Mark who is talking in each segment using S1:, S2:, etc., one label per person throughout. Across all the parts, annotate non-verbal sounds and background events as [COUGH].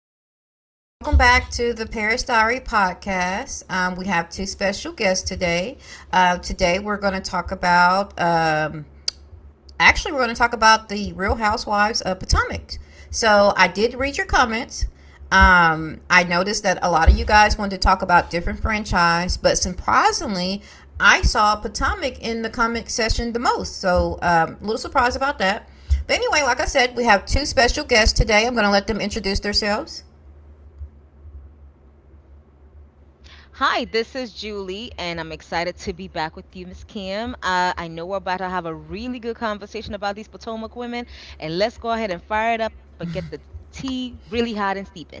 S1: welcome back to the Paris Diary podcast. We have two special guests today. Today we're going to talk about we're going to talk about the Real Housewives of Potomac. So I did read your comments. I noticed that a lot of you guys wanted to talk about different franchise, but surprisingly, I saw Potomac in the comment section the most. So a little surprised about that. But anyway, like I said, we have two special guests today. I'm going to let them introduce themselves.
S2: Hi, this is Julie, and I'm excited to be back with you, Miss Kim. I know we're about to have a really good conversation about these Potomac women, and let's go ahead and fire it up and get the tea really hot and steeping.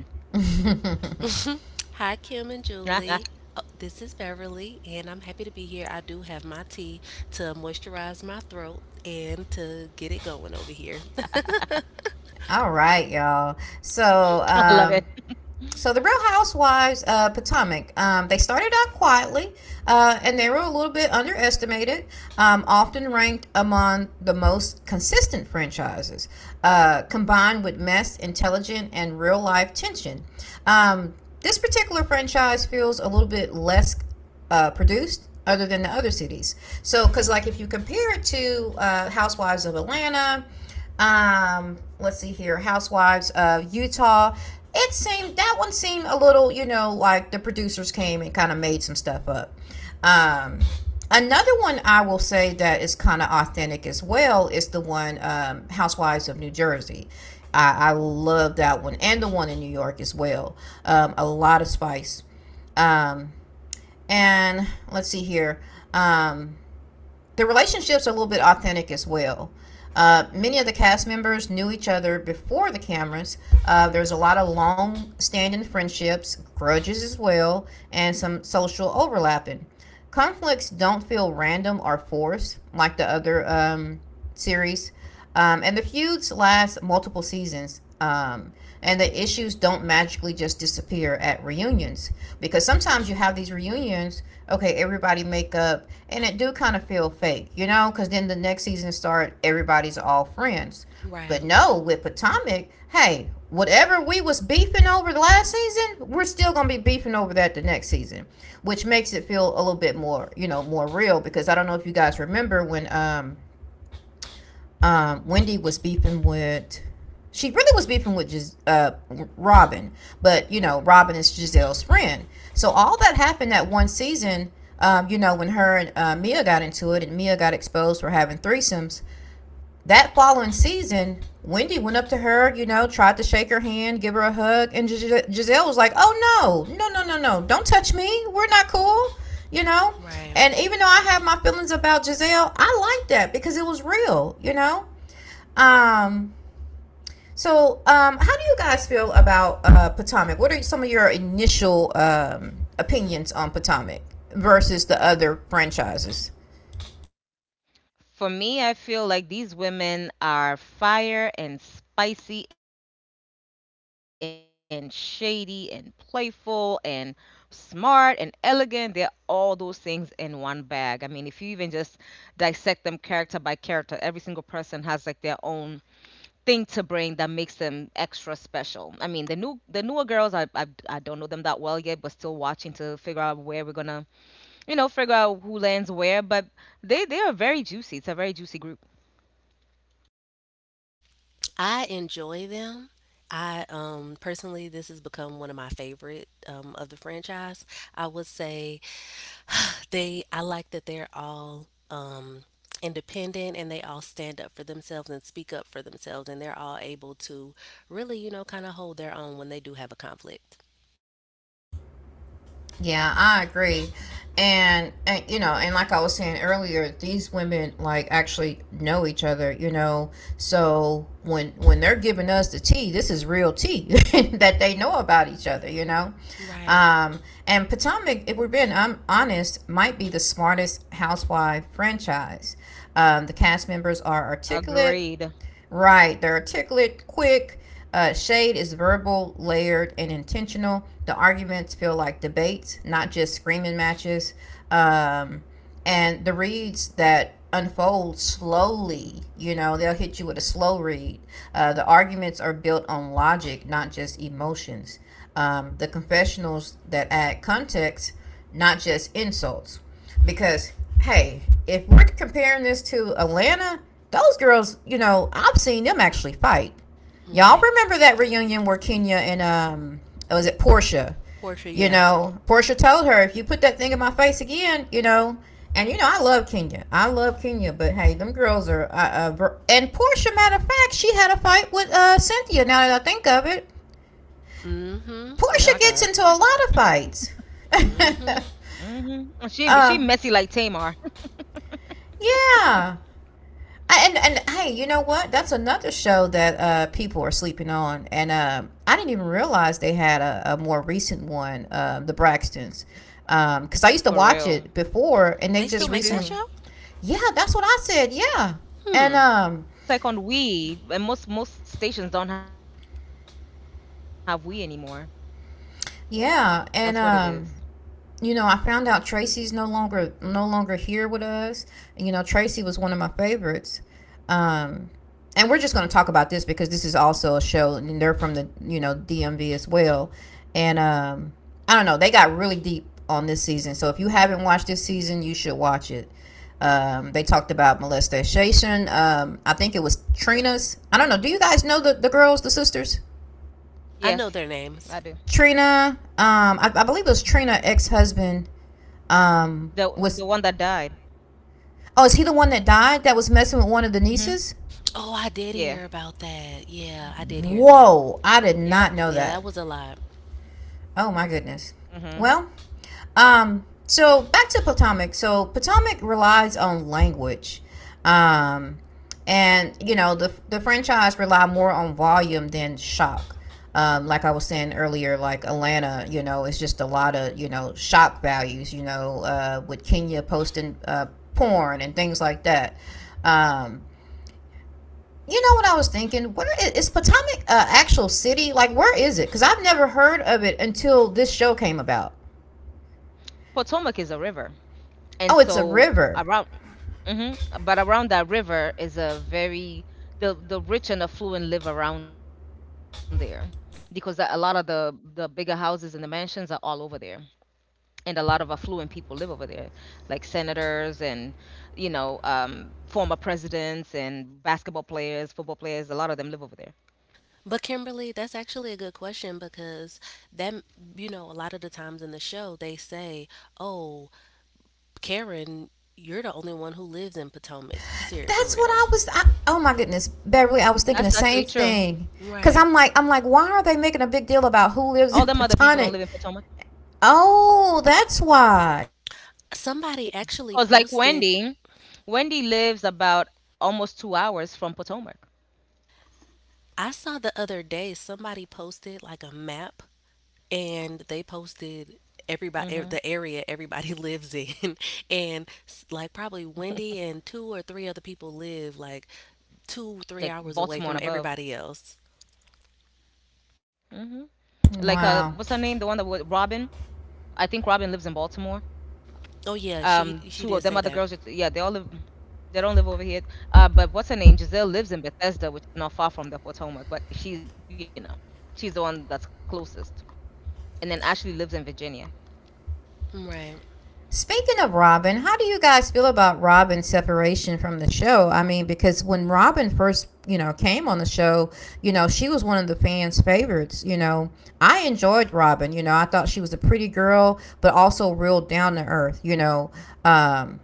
S3: [LAUGHS]
S1: [LAUGHS]
S3: Mhm. Hi, Kim and
S2: [LAUGHS] I
S3: Julie. Oh, this is Beverly, and I'm happy to be here. I do have my tea to moisturize my throat and to get it going over here. [LAUGHS]
S1: All right,
S2: love it.
S1: y'all. So the Real Housewives Potomac, they started out quietly, and they were a little bit underestimated. Often ranked among the most consistent franchises, combined with mess, intelligent, and real life tension. Um, this particular franchise feels a little bit less produced other than the other cities. So, because like if you compare it to Housewives of Atlanta, let's see here, Housewives of Utah, it seemed that one seemed a little, you know, like the producers came and kind of made some stuff up. Um, Another one I will say that is kind of authentic as well is the one Housewives of New Jersey. I love that one and the one in New York as well. A lot of spice. Um, and let's see here. Um, the relationships are a little bit authentic as well. Many of the cast members knew each other before the cameras. There's a lot of long standing friendships, grudges as well, and some social overlapping. Conflicts don't feel random or forced like the other series. And the feuds last multiple seasons. And the issues don't magically just disappear at reunions, because sometimes you have these reunions, okay, everybody make up, and it do kind of feel fake, you know, because then the next season start, everybody's all friends.
S3: Right,
S1: But no, with Potomac, hey, whatever we was beefing over last season, we're still gonna be beefing over that the next season, which makes it feel a little bit more, you know, more real. Because I don't know if you guys remember when Wendy was beefing with. She really was beefing with Robin, but you know Robin is Giselle's friend. So all that happened that one season. You know when her and Mia got into it, and Mia got exposed for having threesomes that following season, Wendy went up to her, you know, tried to shake her hand, give her a hug, and Giselle was like, "Oh no, no, no, no, no! Don't touch me. We're not cool," you know.
S3: right.
S1: And even though I have my feelings about Giselle, I like that because it was real, you know. Um, so how do you guys feel about Potomac? What are some of your initial opinions on Potomac versus the other franchises?
S2: For me, I feel like these women are fire and spicy and shady and playful and smart and elegant. They're all those things in one bag. I mean, if you even just dissect them character by character, every single person has like their own thing to bring that makes them extra special. I mean, the newer girls, I don't know them that well yet, but still watching to figure out where we're gonna, figure out who lands where. But they are very juicy. It's a very juicy group.
S3: I enjoy them. I, personally, this has become one of my favorite of the franchise. I would say They I like that they're all independent, and they all stand up for themselves and speak up for themselves, and they're all able to really, kind of hold their own when they do have a conflict.
S1: Yeah, I agree. And you know, and like I was saying earlier, these women like actually know each other, you know. So when they're giving us the tea, this is real tea [LAUGHS] that they know about each other, you know.
S3: Right.
S1: Um, and Potomac, if we're being honest, might be the smartest housewife franchise. The cast members are articulate.
S2: Agreed.
S1: Right. They're articulate, quick. Shade is verbal, layered, and intentional. The arguments feel like debates, not just screaming matches. Um, and the reads that unfold slowly, you know, they'll hit you with a slow read. The arguments are built on logic, not just emotions. The confessionals that add context, not just insults. Because hey, if we're comparing this to Atlanta, those girls, you know, I've seen them actually fight. Y'all
S3: Right.
S1: remember that reunion where Kenya and was it Portia?
S3: Portia,
S1: You
S3: yeah.
S1: know, Portia told her, if you put that thing in my face again, you know, and you know, I love Kenya. I love Kenya, but hey, them girls are. And Portia, matter of fact, she had a fight with Cynthia. Now that I think of it,
S3: Mm,
S2: Oh
S3: mhm.
S2: my
S1: Portia
S3: Yep.
S2: God.
S1: gets into a lot of fights. [LAUGHS]
S3: Mm, mhm.
S2: Mhm. She
S1: uh,
S2: she messy like Tamar
S1: yeah. And hey, you know what? That's another show that people are sleeping on, and I didn't even realize they had a more recent one, The Braxtons, because I used to watch
S2: for
S1: it
S2: real.
S1: before, and they
S3: They still
S1: just
S3: make
S2: Me
S3: that
S1: recently.
S3: show?
S2: too.
S1: Yeah, that's what I said. Yeah, and
S3: Hmm.
S2: It's like on Wii, and most stations don't have Wii anymore. That's what it is.
S1: yeah, and You know, I found out Tracy's no longer here with us. You know, Tracy was one of my favorites. Um, and we're just going to talk about this because this is also a show, and they're from the you know DMV as well. And I don't know, they got really deep on this season. So if you haven't watched this season, you should watch it. They talked about molestation. I think it was Trina's. I don't know. Do you guys know the girls, the sisters?
S3: I know their
S2: Yes,
S3: names.
S2: I do.
S1: Trina. I believe it was Trina ex husband. Was
S2: The the one that died.
S1: Oh, is he the one that died that was messing with one of the
S2: Mhm.
S1: nieces?
S3: Oh, I did hear
S2: Yeah.
S3: about that. Yeah, I did hear that.
S2: Yep.
S1: Whoa, I did not know
S3: Yeah,
S1: that.
S3: that was a lot.
S1: Oh my goodness.
S2: Mhm.
S1: Well, so back to Potomac. So Potomac relies on language. Um, and you know, the franchise rely more on volume than shock. Like I was saying earlier, like Atlanta, you know, it's just a lot of, you know, shock values, you know, with Kenya posting porn and things like that. Um, you know what I was thinking? Is Potomac a actual city? Like, where is it? Because I've never heard of it until this show came about.
S2: Potomac is a river, and
S1: Oh, it's a
S2: so
S1: river.
S2: around, hmm but around that river is a very the rich and affluent live around there because a lot of the bigger houses and the mansions are all over there, and a lot of affluent people live over there, like senators and former presidents and basketball players, football players. A lot of them live over there.
S3: But Kimberly, that's actually a good question, because that, a lot of the times in the show they say, "Oh, Karen, you're the only one who lives in Potomac, for
S1: That's what I
S3: real."
S1: was. I, Oh my goodness, Beverly, I was thinking the
S2: That's
S1: same
S2: actually true.
S1: thing. Cause
S3: Right.
S1: I'm like,
S2: All
S1: I'm
S2: them
S1: like,
S2: other
S1: why are
S2: people don't
S1: they
S2: live in
S1: making a big
S2: Potomac.
S1: deal about who lives in [LAUGHS] Potomac? Oh, that's why.
S2: Because like Wendy,
S3: Somebody actually
S2: Wendy lives
S3: posted,
S2: about almost 2 hours from Potomac.
S3: I saw the other day somebody posted like a map, and they
S2: hmm
S3: posted everybody the area everybody [LAUGHS] lives in, and like probably Wendy and two or three other people live like
S2: Like
S3: 2 3
S2: Baltimore and
S3: hours away
S2: above.
S3: from everybody else.
S2: hmm Like what's her name? The one that was
S1: Wow.
S2: Robin. I think Robin lives in Baltimore.
S3: Oh yeah,
S2: Two of them
S3: she
S2: other
S3: she
S2: girls.
S3: did say
S2: Yeah, they
S3: that.
S2: all live. They don't live over here. But what's her name? Giselle lives in Bethesda, which is not far from the Potomac. But she's, you know, she's the one that's closest. And then Ashley lives in Virginia.
S3: Right.
S1: Speaking of Robin, how do you guys feel about Robin's separation from the show? I mean, because when Robin first, you know, came on the show, you know, she was one of the fans' favorites. You know, I enjoyed Robin. You know, I thought she was a pretty girl, but also real down to earth. You know, um,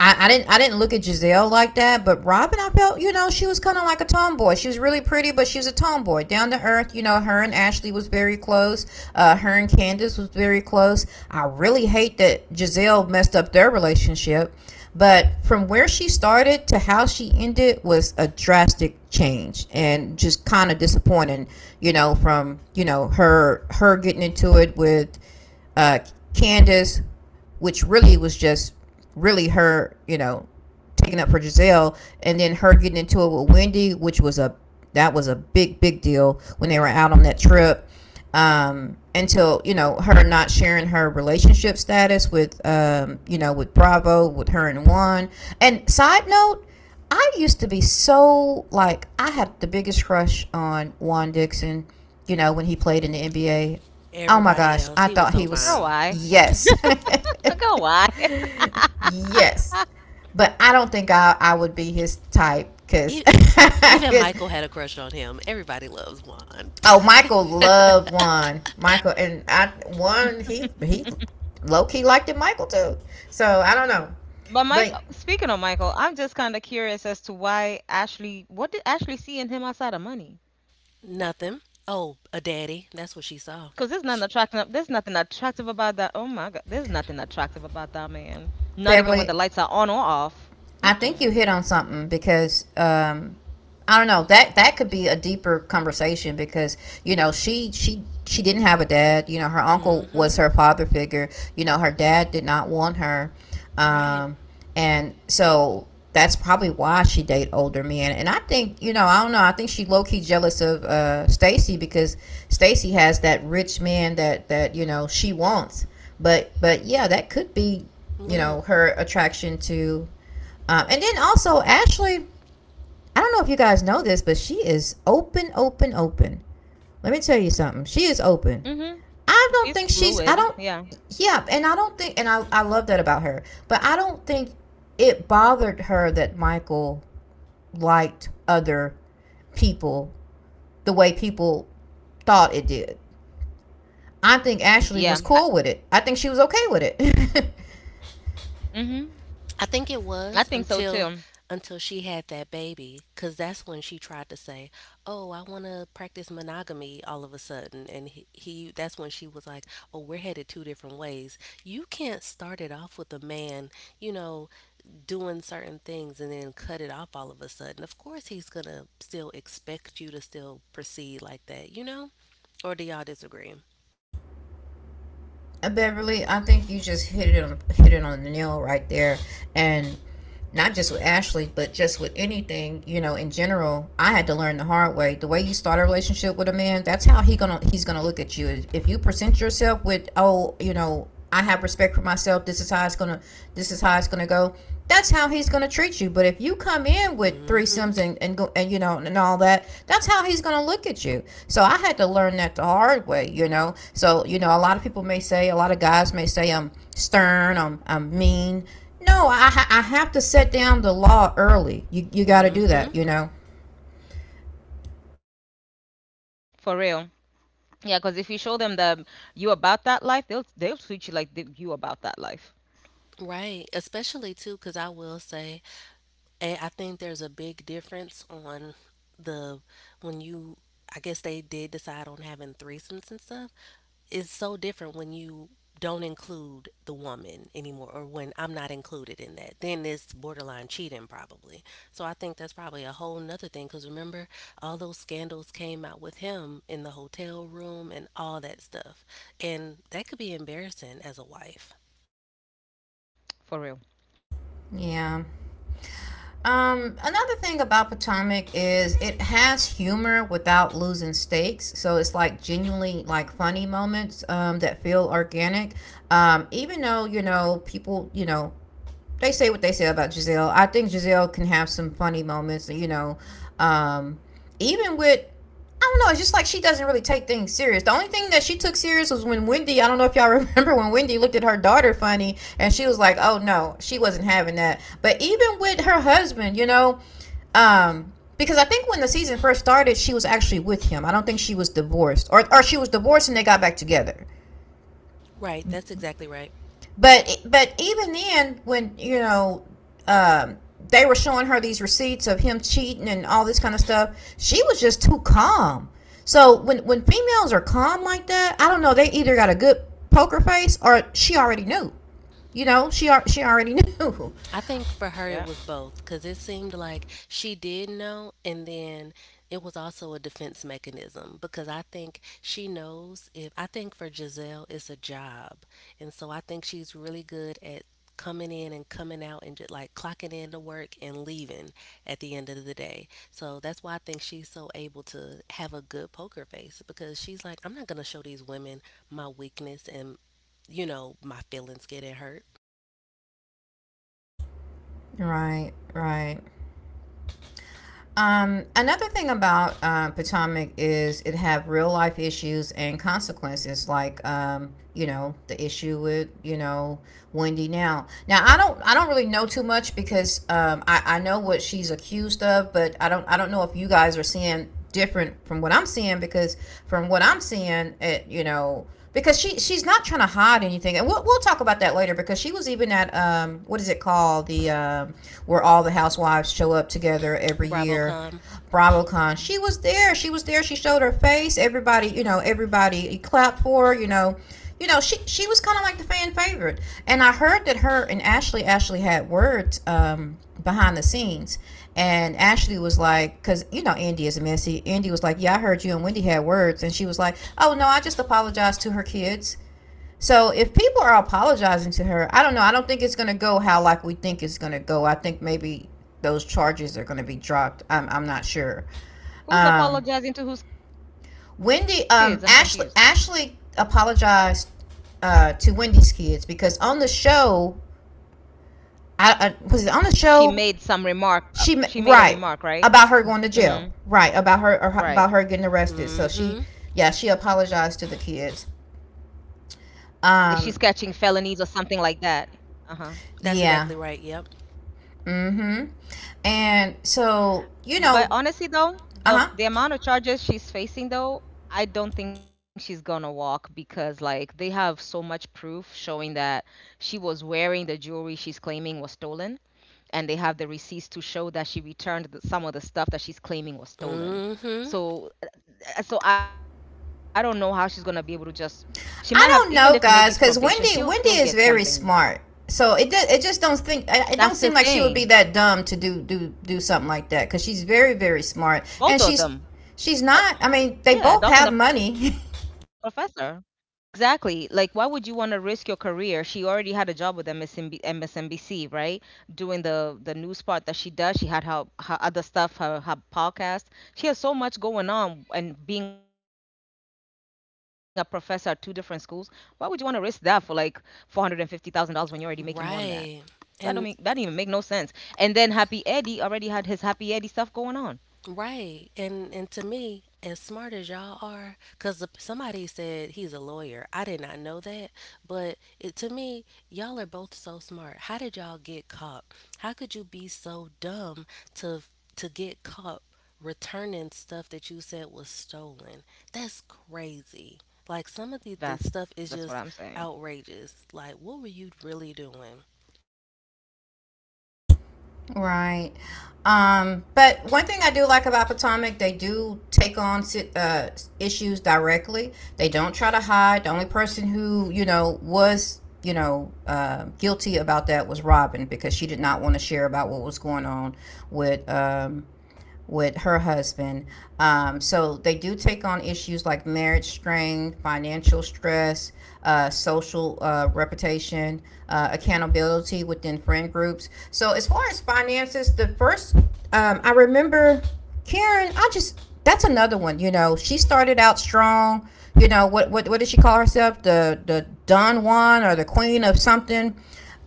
S1: I didn't look at Giselle like that, but Robin, I felt you know she was kind of like a tomboy. She was really pretty, but she was a tomboy, down to earth. You know, her and Ashley was very close. Her and Candace was very close. I really hate that Giselle messed up their relationship, but from where she started to how she ended was a drastic change and just kind of disappointing. You know, from you know her getting into it with uh, Candace, which really was just really her, you know, taking up for Giselle, and then her getting into it with Wendy, which was a that was a big deal when they were out on that trip until you know her not sharing her relationship status with you know with Bravo with her and Juan. And side note, I used to be so like I had the biggest crush on Juan Dixon. You know when he played in the NBA. Oh my
S3: Everybody
S1: gosh,
S2: Girl,
S1: I
S3: else, he
S2: why?
S1: thought
S3: was
S1: he
S3: so
S1: was
S3: fine.
S1: yes,
S2: Girl, why?
S1: [LAUGHS]
S2: [LAUGHS]
S1: yes. But I don't think I would be his type because
S3: E-
S1: [LAUGHS]
S3: Even
S1: his
S3: Michael had a crush on him. Everybody loves Juan.
S1: Oh, Michael loved one. Michael and I one he low key liked it Michael too. So I don't know.
S2: But Michael,
S1: But
S2: speaking of Michael, I'm just kind of curious as to why Ashley, what did Ashley see in him outside of money?
S3: [LAUGHS]
S2: Because
S3: Nothing.
S2: there's nothing
S3: Oh,
S2: attractive.
S3: a
S2: There's nothing
S3: daddy. That's what
S2: attractive
S3: she saw.
S2: about that. Oh
S3: Sh
S2: my God, there's nothing attractive about that man. Not even when the lights are on or off.
S1: Beverly,
S2: Mm-mm.
S1: I think you hit on something because I don't know that that could be a deeper conversation because you know she didn't have a dad. You know her uncle
S3: Mm-hmm.
S1: was her father figure. You know her dad did not want her,
S3: Right.
S1: um, and so that's probably why she date older men. And I think you know I don't know I think she low key jealous of Stacy because Stacy has that rich man that that you know she wants. But yeah, that could be you know
S3: Look.
S1: her attraction to and then also, Ashley, I don't know if you guys know this, but she is open, open, open. Let me tell you something. She is open.
S2: Mm-hmm.
S1: I don't
S2: She's
S1: think she's, I
S2: fluid.
S1: don't,
S2: Yeah.
S1: yeah, and I don't think, and I love that about her, but I don't think it bothered her that Michael liked other people the way people thought it did. I think Ashley
S2: Yeah.
S1: was
S2: I,
S1: cool with it. I think she was okay with it. [LAUGHS]
S2: mm-hmm.
S3: I think it
S2: I
S3: was
S2: think so
S3: until
S2: too.
S3: until she had that baby, cuz that's when she tried to say, "Oh, I want to practice monogamy all of a sudden." And he that's when she was like, "Oh, we're headed two different ways. You can't start it off with a man, you know, doing certain things and then cut it off all of a sudden. Of course he's going to still expect you to still proceed like that, you know? Or do y'all disagree?"
S1: Beverly, I think you just hit it on the nail right there, and not just with Ashley, but just with anything, you know, in general. I had to learn the hard way. The way you start a relationship with a man, that's how he gonna he's gonna look at you. If you present yourself with, oh, you know, I have respect for myself, this is how it's gonna go. That's how he's gonna treat you. But if you come in with
S3: Mm, mhm.
S1: threesomes and go and, you know, and all that, that's how he's gonna look at you. So I had to learn that the hard way, you know. So, you know, a lot of people may say, a lot of guys may say I'm stern, I'm mean. No, I have to set down the law early. You got to
S3: Mm,
S1: do that,
S3: mhm.
S1: you know.
S2: For real. Yeah, because if you show them the you about that life, they'll treat you like the, you about that life.
S3: Right. Especially too cuz I will say. And I think there's a big difference on the when you I guess they did decide on having threesomes and stuff. It's so different when you don't include the woman anymore, or when I'm not included in that. Then it's borderline cheating probably. So I think that's probably a whole nother thing because, remember, all those scandals came out with him in the hotel room and all that stuff. And that could be embarrassing as a wife.
S2: For real.
S1: Yeah. Another thing about Potomac is it has humor without losing stakes. So it's like genuinely like funny moments that feel organic. Even though, you know, people, they say what they say about Giselle. I think Giselle can have some funny moments, you know. Um, even with, I don't know, it's just like she doesn't really take things serious. The only thing that she took serious was when Wendy, I don't know if y'all [LAUGHS] remember when Wendy looked at her daughter funny and she was like, "Oh no, she wasn't having that." But even with her husband, you know, um because I think when the season first started, she was actually with him. I don't think she was divorced, or she was divorced and they got back together.
S3: Right, that's exactly right.
S1: But even then, when, you know, um, they were showing her these receipts of him cheating and all this kind of stuff, she was just too calm. So when females are calm like that, I don't know, they either got a good poker face or she already knew. You know, she already knew.
S3: I think for her it
S2: Yeah.
S3: was both, because it seemed like she did know, and then it was also a defense mechanism, because I think she knows if I think for Giselle it's a job, and so I think she's really good at coming in and coming out and just like clocking in to work and leaving at the end of the day. So that's why I think she's so able to have a good poker face, because she's like, I'm not gonna show these women my weakness and my feelings getting hurt.
S1: [LAUGHS] Right, right. Another thing about Potomac is it have real life issues and consequences, like you know, the issue with, you know, Wendy now. Now I don't really know too much because I know what she's accused of, but I don't know if you guys are seeing different from what I'm seeing because from what I'm seeing, it, you know, because she's not trying to hide anything, and we'll talk about that later because she was even at what is it called, the where all the housewives show up together every
S3: Bravo,
S1: year.
S3: com.
S1: BravoCon. She
S2: Mhm.
S1: was there. She was there. She showed her face. Everybody, you know, everybody clapped for her, you know. You know, she was kind of like the fan favorite. And I heard that her and Ashley actually had words behind the scenes. And Ashley was like, because, you know, Andy is messy. Andy was like, yeah, I heard you and Wendy had words. And she was like, oh, no, I just apologized to her kids. So if people are apologizing to her, I don't know. I don't think it's going to go how, like, we think it's going to go. I think maybe those charges are going to be dropped. I'm not sure.
S2: Who's
S1: Um,
S2: apologizing to whose kids? I'm confused.
S1: Wendy, Ashley apologized to Wendy's kids because on the show, I
S2: She
S1: was it on the
S2: made some
S1: show.
S2: remark, she made a
S1: She
S2: remark,
S1: right
S2: right?
S1: about her going to
S2: Mhm,
S1: jail. Right about her
S2: right.
S1: or about her getting arrested. So she,
S3: Mm-hmm.
S1: yeah,
S2: Like
S1: she
S2: she's catching
S1: apologized to the
S2: felonies or
S1: kids.
S2: something like that. Uh-huh.
S1: Um,
S3: That's
S1: yeah.
S3: exactly right. Yep.
S1: Mm-hmm.
S2: But
S1: And
S2: honestly though,
S1: so, you
S2: the
S1: know,
S2: the amount of charges she's
S1: uh-huh.
S2: facing though, I don't think she's gonna walk because like they have so much proof showing that she was wearing the jewelry she's claiming was stolen, and they have the receipts to show that she returned the, some of the stuff that she's claiming was stolen. So
S3: Mm-hmm.
S2: so I don't know how she's gonna be able to just. She might have even if maybe it's probation,
S1: I
S2: she'll
S1: don't
S2: still
S1: know,
S2: get
S1: guys, because
S2: something.
S1: Wendy is very smart. So
S2: That's
S1: it
S2: the
S1: just don't
S2: thing.
S1: think it don't seem like she would be that dumb to do something like that because she's very
S2: Both
S1: very
S2: of them.
S1: smart and she's
S2: Uh,
S1: she's not.
S2: yeah,
S1: I
S2: adult and
S1: mean,
S2: a
S1: they both
S2: professor.
S1: have money. [LAUGHS]
S2: Exactly. Like, why would you want to risk your career? She already had a job with MSNB, MSNBC, right? Doing the news part that she does. She had her other stuff, her podcast. She has so much going on, and being a professor at two different schools. Why would you want to risk that for like $450,000 when you're already making more than that? That don't make that didn't
S3: Right.
S2: even make no
S3: And
S2: sense. And then Happy Eddie already had his Happy Eddie stuff going on.
S3: right. And to me, as smart as y'all are, because somebody said he's a lawyer. I did not know that, but to me, y'all are both so smart. How did y'all get caught? How could you be so dumb to to get caught returning stuff that you said was stolen? That's crazy. Like, some of the
S2: That's
S3: stuff is just
S2: that's what I'm saying.
S3: outrageous. Like, what were you really doing?
S1: Right. But one thing I do like about Potomac, they do take on issues directly. They don't try to hide. The only person who, you know, was, you know, guilty about that was Robin because she did not want to share about what was going on with um, with her husband. So they do take on issues like marriage strain, financial stress, social reputation, accountability within friend groups. So as far as finances, the first I remember Karen, I just that's another one. You know, she started out strong. You know what what did she call herself? The Don Juan or the Queen of something.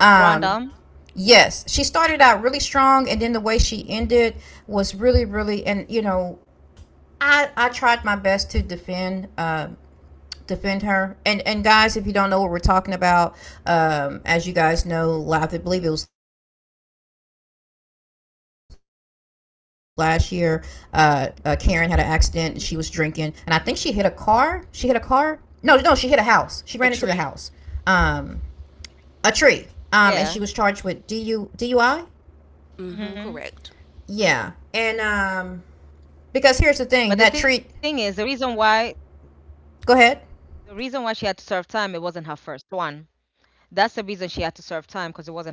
S1: Um,
S2: Grandam,
S1: Yes, she started out really strong, and then the way she ended was really, really, and, you know, I tried my best to defend. Defend her. And guys, if you don't know what we're talking about, as you guys know, live, I believe it was last year, uh, Karen had an accident. She was drinking and I think she hit a car no no she ran into the house, um
S3: A tree.
S2: I thought she hit a
S1: a tree.
S2: tree.
S1: And she was charged with du
S2: Yeah.
S1: DUI.
S3: Mm-hmm. Correct.
S2: hmm
S1: Yeah. And because here's the thing, that
S2: But
S1: treat
S2: the thing is, the
S1: go
S2: reason why
S1: ahead.
S2: she had to serve time, it wasn't her first one. That's the reason she had to serve time because it wasn't her first one.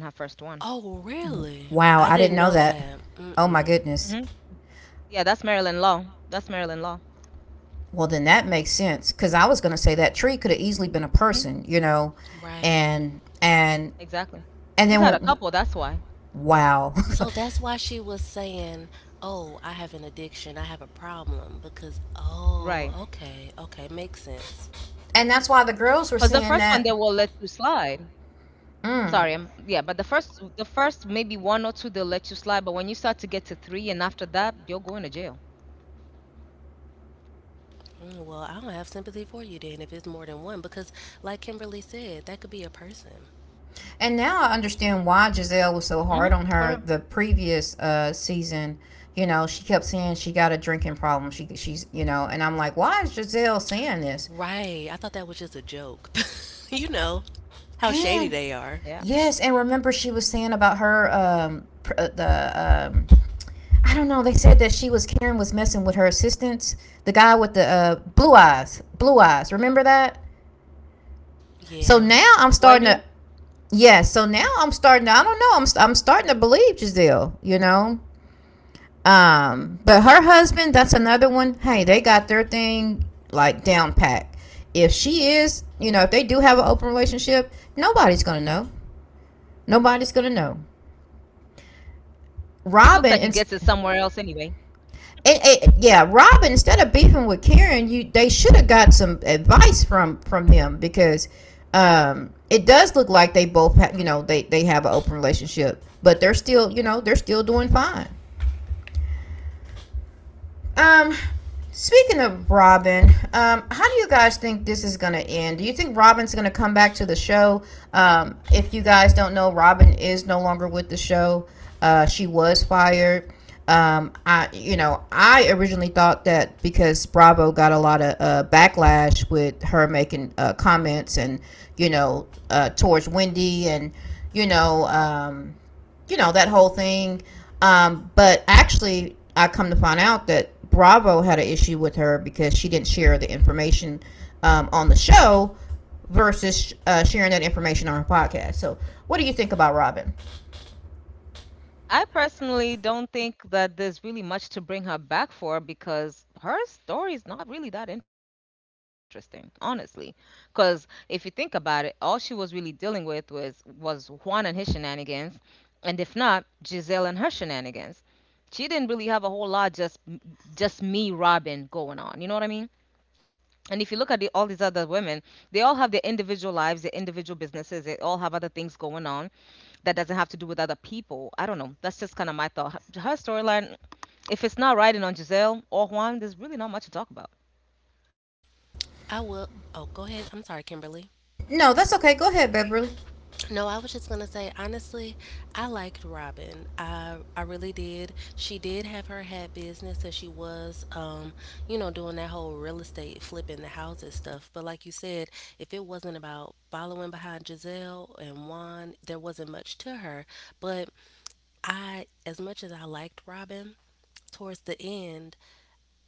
S3: Oh, really?
S1: Wow,
S3: I
S1: I didn't
S3: didn't
S1: know
S3: know
S1: that.
S3: that.
S1: Oh
S2: hmm
S1: my
S3: Mm-mm.
S1: goodness.
S2: Yeah, that's Maryland law. That's Maryland law.
S1: Well, then that makes sense, cuz I was going to say that tree could have
S2: hmm
S1: easily been a person, you know.
S3: Right.
S1: And and
S2: Exactly. She's had a
S1: and then
S2: couple.
S1: when-
S2: That's why.
S1: wow.
S3: So that's why she was saying, "Oh, I have an addiction. I have a problem." Because, oh,
S2: Right.
S3: okay, okay, makes sense.
S1: [LAUGHS] And that's why the girls
S2: Because
S1: were
S2: the
S1: saying
S2: first one they
S1: that.
S2: will let you slide.
S1: Mm.
S2: But the first maybe one or two they'll let you slide, but when you start to get to three and after that, you're going to jail.
S3: Mm. Well, I don't have sympathy for you then if it's more than one. Because, like Kimberly said, that could be a person.
S1: And now I
S2: Mm-hmm.
S1: understand why
S2: For real.
S1: Giselle was so hard on her the previous season. You know, she kept saying she got a drinking problem. She's, you know, and I'm like, why is Giselle saying this?
S3: Right. I thought that was just a joke. [LAUGHS] You know how shady
S1: And
S3: they are.
S2: Yeah.
S1: yes, and remember she was saying about her the I don't know. They said that she was Karen was messing with her assistants, the guy with the blue eyes, blue eyes. Remember that?
S2: Why do?
S1: So
S3: Yeah.
S1: now I'm starting to, yeah. So now I'm starting to, I don't know. I'm starting to believe Giselle. You know. But her husband, that's another one. Hey, they got their thing like down pat. If she is, you know, if they do have an open
S2: Mm-hmm.
S1: relationship, nobody's gonna know. Nobody's gonna know.
S2: For real. He
S1: Robin
S2: looks like he gets it somewhere else anyway.
S1: and Yeah, Robin, instead of beefing with Karen, you they should have got some advice from them because it does look like you know, they have an open relationship, but they're still, you know, they're still doing fine. Um, Speaking of Robin, how do you guys think this is gonna end? Do you think Robin's gonna come back to the show? If you guys don't know, Robin is no longer with the show. She was fired. I, you know, I originally thought that because Bravo got a lot of backlash with her making comments and, you know, towards Wendy and, you know, you know, that whole thing. But actually, I come to find out that Bravo had an issue with her because she didn't share the information on the show versus sharing that information on her podcast. So, what do you think about Robin?
S2: I personally don't think that there's really much to bring her back for because her story is not really that interesting, honestly. Because if you think about it, all she was really dealing with was Juan and his shenanigans, and if not, Giselle and her shenanigans. She didn't really have a whole lot just me Robin going on. You know what I mean? And if you look at the, all these other women, they all have their individual lives, their individual businesses. They all have other things going on that doesn't have to do with other people. I don't know. That's just kind of my thought. Her storyline, if it's not riding on Giselle or Juan, there's really not much to talk about.
S3: I will. Oh, go ahead. I'm sorry, Kimberly.
S1: No, that's okay. Go ahead, Beverly.
S3: No, I was just gonna say, honestly, I liked Robin. I really did. She did have her hat business, and she was doing that whole real estate flipping the houses stuff. But like you said, if it wasn't about following behind Giselle and Juan, there wasn't much to her. But I as much as I liked Robin, towards the end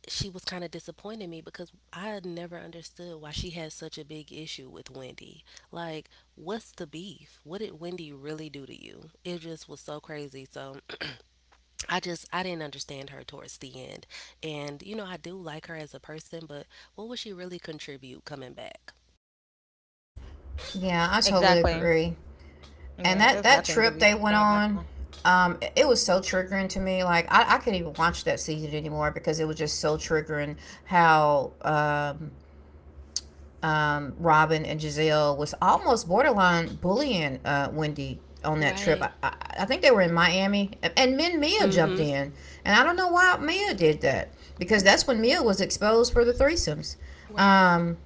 S3: she was kind of disappointing me, because I had never understood why she had such a big issue with Wendy. Like, what's the beef? What did Wendy really do to you? It just was so crazy. So I didn't understand her towards the end. And I do like her as a person, but what would she really contribute coming back?
S1: Yeah, I totally
S2: Exactly.
S1: agree. And
S2: Yeah, there's
S1: that
S2: nothing
S1: trip
S2: really
S1: they
S2: to
S1: went
S2: bring it back
S1: on,
S2: on.
S1: it was so triggering to me. Like I couldn't even watch that season anymore because it was just so triggering how Robin and Giselle was almost borderline bullying Wendy on that trip.
S3: Right.
S1: I think they were in Miami, and then Mia jumped
S3: Mhm.
S1: in, and I don't know why Mia did that because that's when Mia was exposed for the threesomes.
S3: Right.
S1: Um,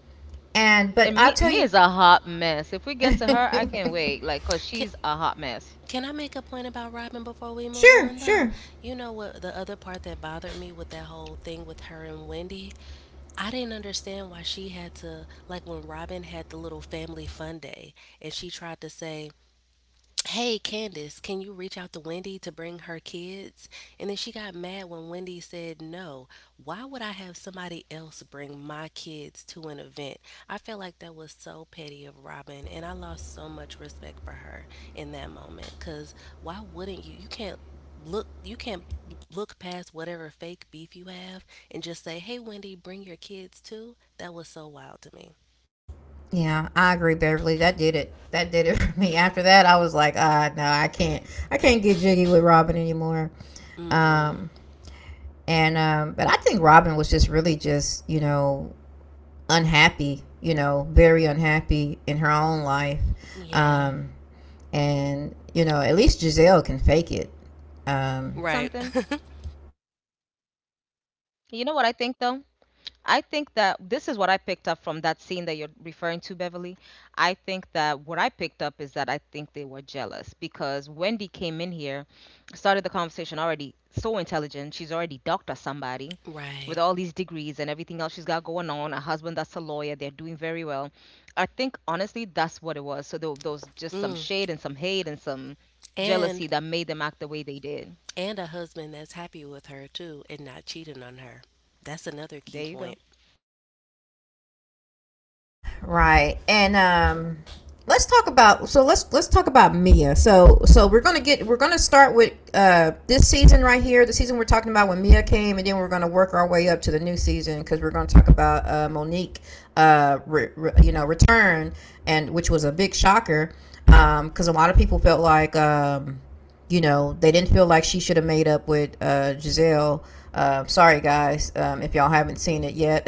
S1: and but
S2: And
S1: I'll
S2: me,
S1: tell
S2: me
S1: you,
S2: is a hot mess. If we get to her, I
S1: [LAUGHS]
S2: can't wait. Like, cause
S3: Can,
S2: she's a hot mess.
S3: can I make a point about Robin before we move
S1: sure,
S3: on, though?
S1: sure,
S3: You know what? The other part that bothered me with that whole thing with her and Wendy, I didn't understand why she had to, like, when Robin had the little family fun day and she tried to say, "Hey Candace, can you reach out to Wendy to bring her kids?" And then she got mad when Wendy said, "No, why would I have somebody else bring my kids to an event?" I felt like that was so petty of Robin, and I lost so much respect for her in that moment. Because why wouldn't you? You can't look past whatever fake beef you have and just say, "Hey Wendy, bring your kids too?" That was so wild to me.
S1: yeah, I agree, Beverly. That did it. That did it [LAUGHS] for me. After that, I was like, ah, no, I can't. I can't get jiggy with Robin anymore.
S3: Mm mm.
S1: Um, and But I think Robin was just really just, you know, unhappy, you know, very unhappy in her own life,
S3: Yeah.
S1: um,
S2: Can
S1: and,
S2: I
S1: you
S2: add
S1: know, at least
S2: something?
S1: Giselle can fake it. Um,
S3: Right. [LAUGHS]
S2: You know what I think though? I think that this is what I picked up from that scene that you're referring to, Beverly. I think that what I picked up is that I think they were jealous because Wendy came in here, started the conversation already so intelligent. She's already doctor somebody with all these degrees and everything else
S3: Right.
S2: she's got going on. A husband that's a lawyer, they're doing very well. I think honestly that's what it was. So there was just some shade and some hate
S3: Mm.
S2: and some jealousy that made them
S3: And
S2: act the way they did.
S3: and a husband that's happy with her too and not cheating on her. That's another
S2: There you
S3: key
S2: go.
S3: point.
S1: right. And let's talk about let's talk about Mia. So we're gonna start with this season right here, the season we're talking about when Mia came, and then we're gonna work our way up to the new season because we're gonna talk about Monique, you know, return, and which was a big shocker because a lot of people felt like you know, they didn't feel like she should have made up with Giselle. Sorry guys, if y'all haven't seen it yet,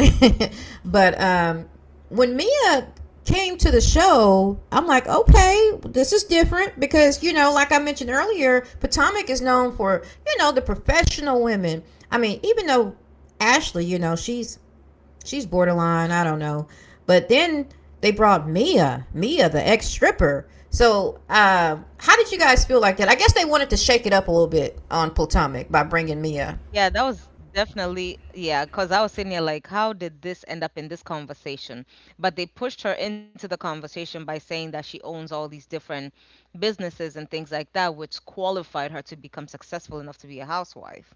S1: [LAUGHS] but when Mia came to the show, I'm like, okay, this is different because, you know, like I mentioned earlier, Potomac is known for, you know, the professional women. I mean, even though Ashley, you know, she's borderline, I don't know. But then they brought Mia, Mia, the ex stripper. So, how did you guys feel like that? I guess they wanted to shake it up a little bit on Potomac by bringing Mia.
S2: Yeah, that was definitely, yeah, because I was sitting here like, how did this end up in this conversation? But they pushed her into the conversation by saying that she owns all these different businesses and things like that, which qualified her to become successful enough to be a housewife.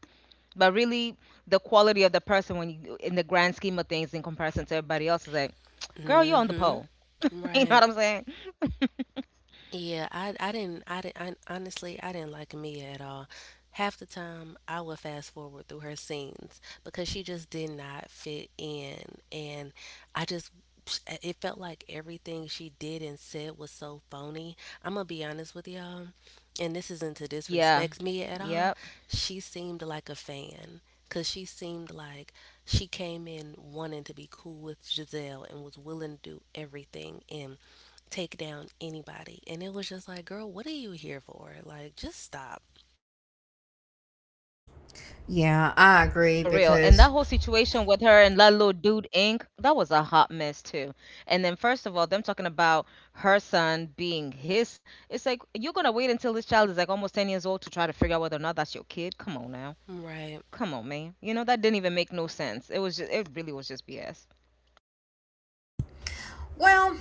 S2: But really, the quality of the person when you, in the grand scheme of things, in comparison to everybody else, is like, [TSK] girl, you're
S3: Mm,
S2: on the
S3: mhm.
S2: pole. [LAUGHS] You know
S3: Right.
S2: what I'm saying?
S3: Yeah, I didn't I didn't I, honestly I didn't like Mia at all. Half the time I would fast forward through her scenes because she just did not fit in, and I just it felt like everything she did and said was so phony. I'm gonna be honest with y'all, and this isn't to
S2: Yeah.
S3: disrespect Mia at
S2: Yeah.
S3: all. She seemed like a fan. Cause she seemed like she came in wanting to be cool with Giselle and was willing to do everything. And take down anybody. And it was just like, girl, what are you here for? Like, just stop.
S1: Yeah, I agree
S2: For real. And
S1: because.
S2: that whole situation with her and that little dude Inc., that was a hot mess too. And then first of all, them talking about her son being his son. It's like you're gonna wait until this child is like almost 10 years old to try to figure out whether or not that's your kid. Come on now.
S3: Right,
S2: Come on, man. You know, that didn't even make no sense. It was just it really was just BS.
S1: Well,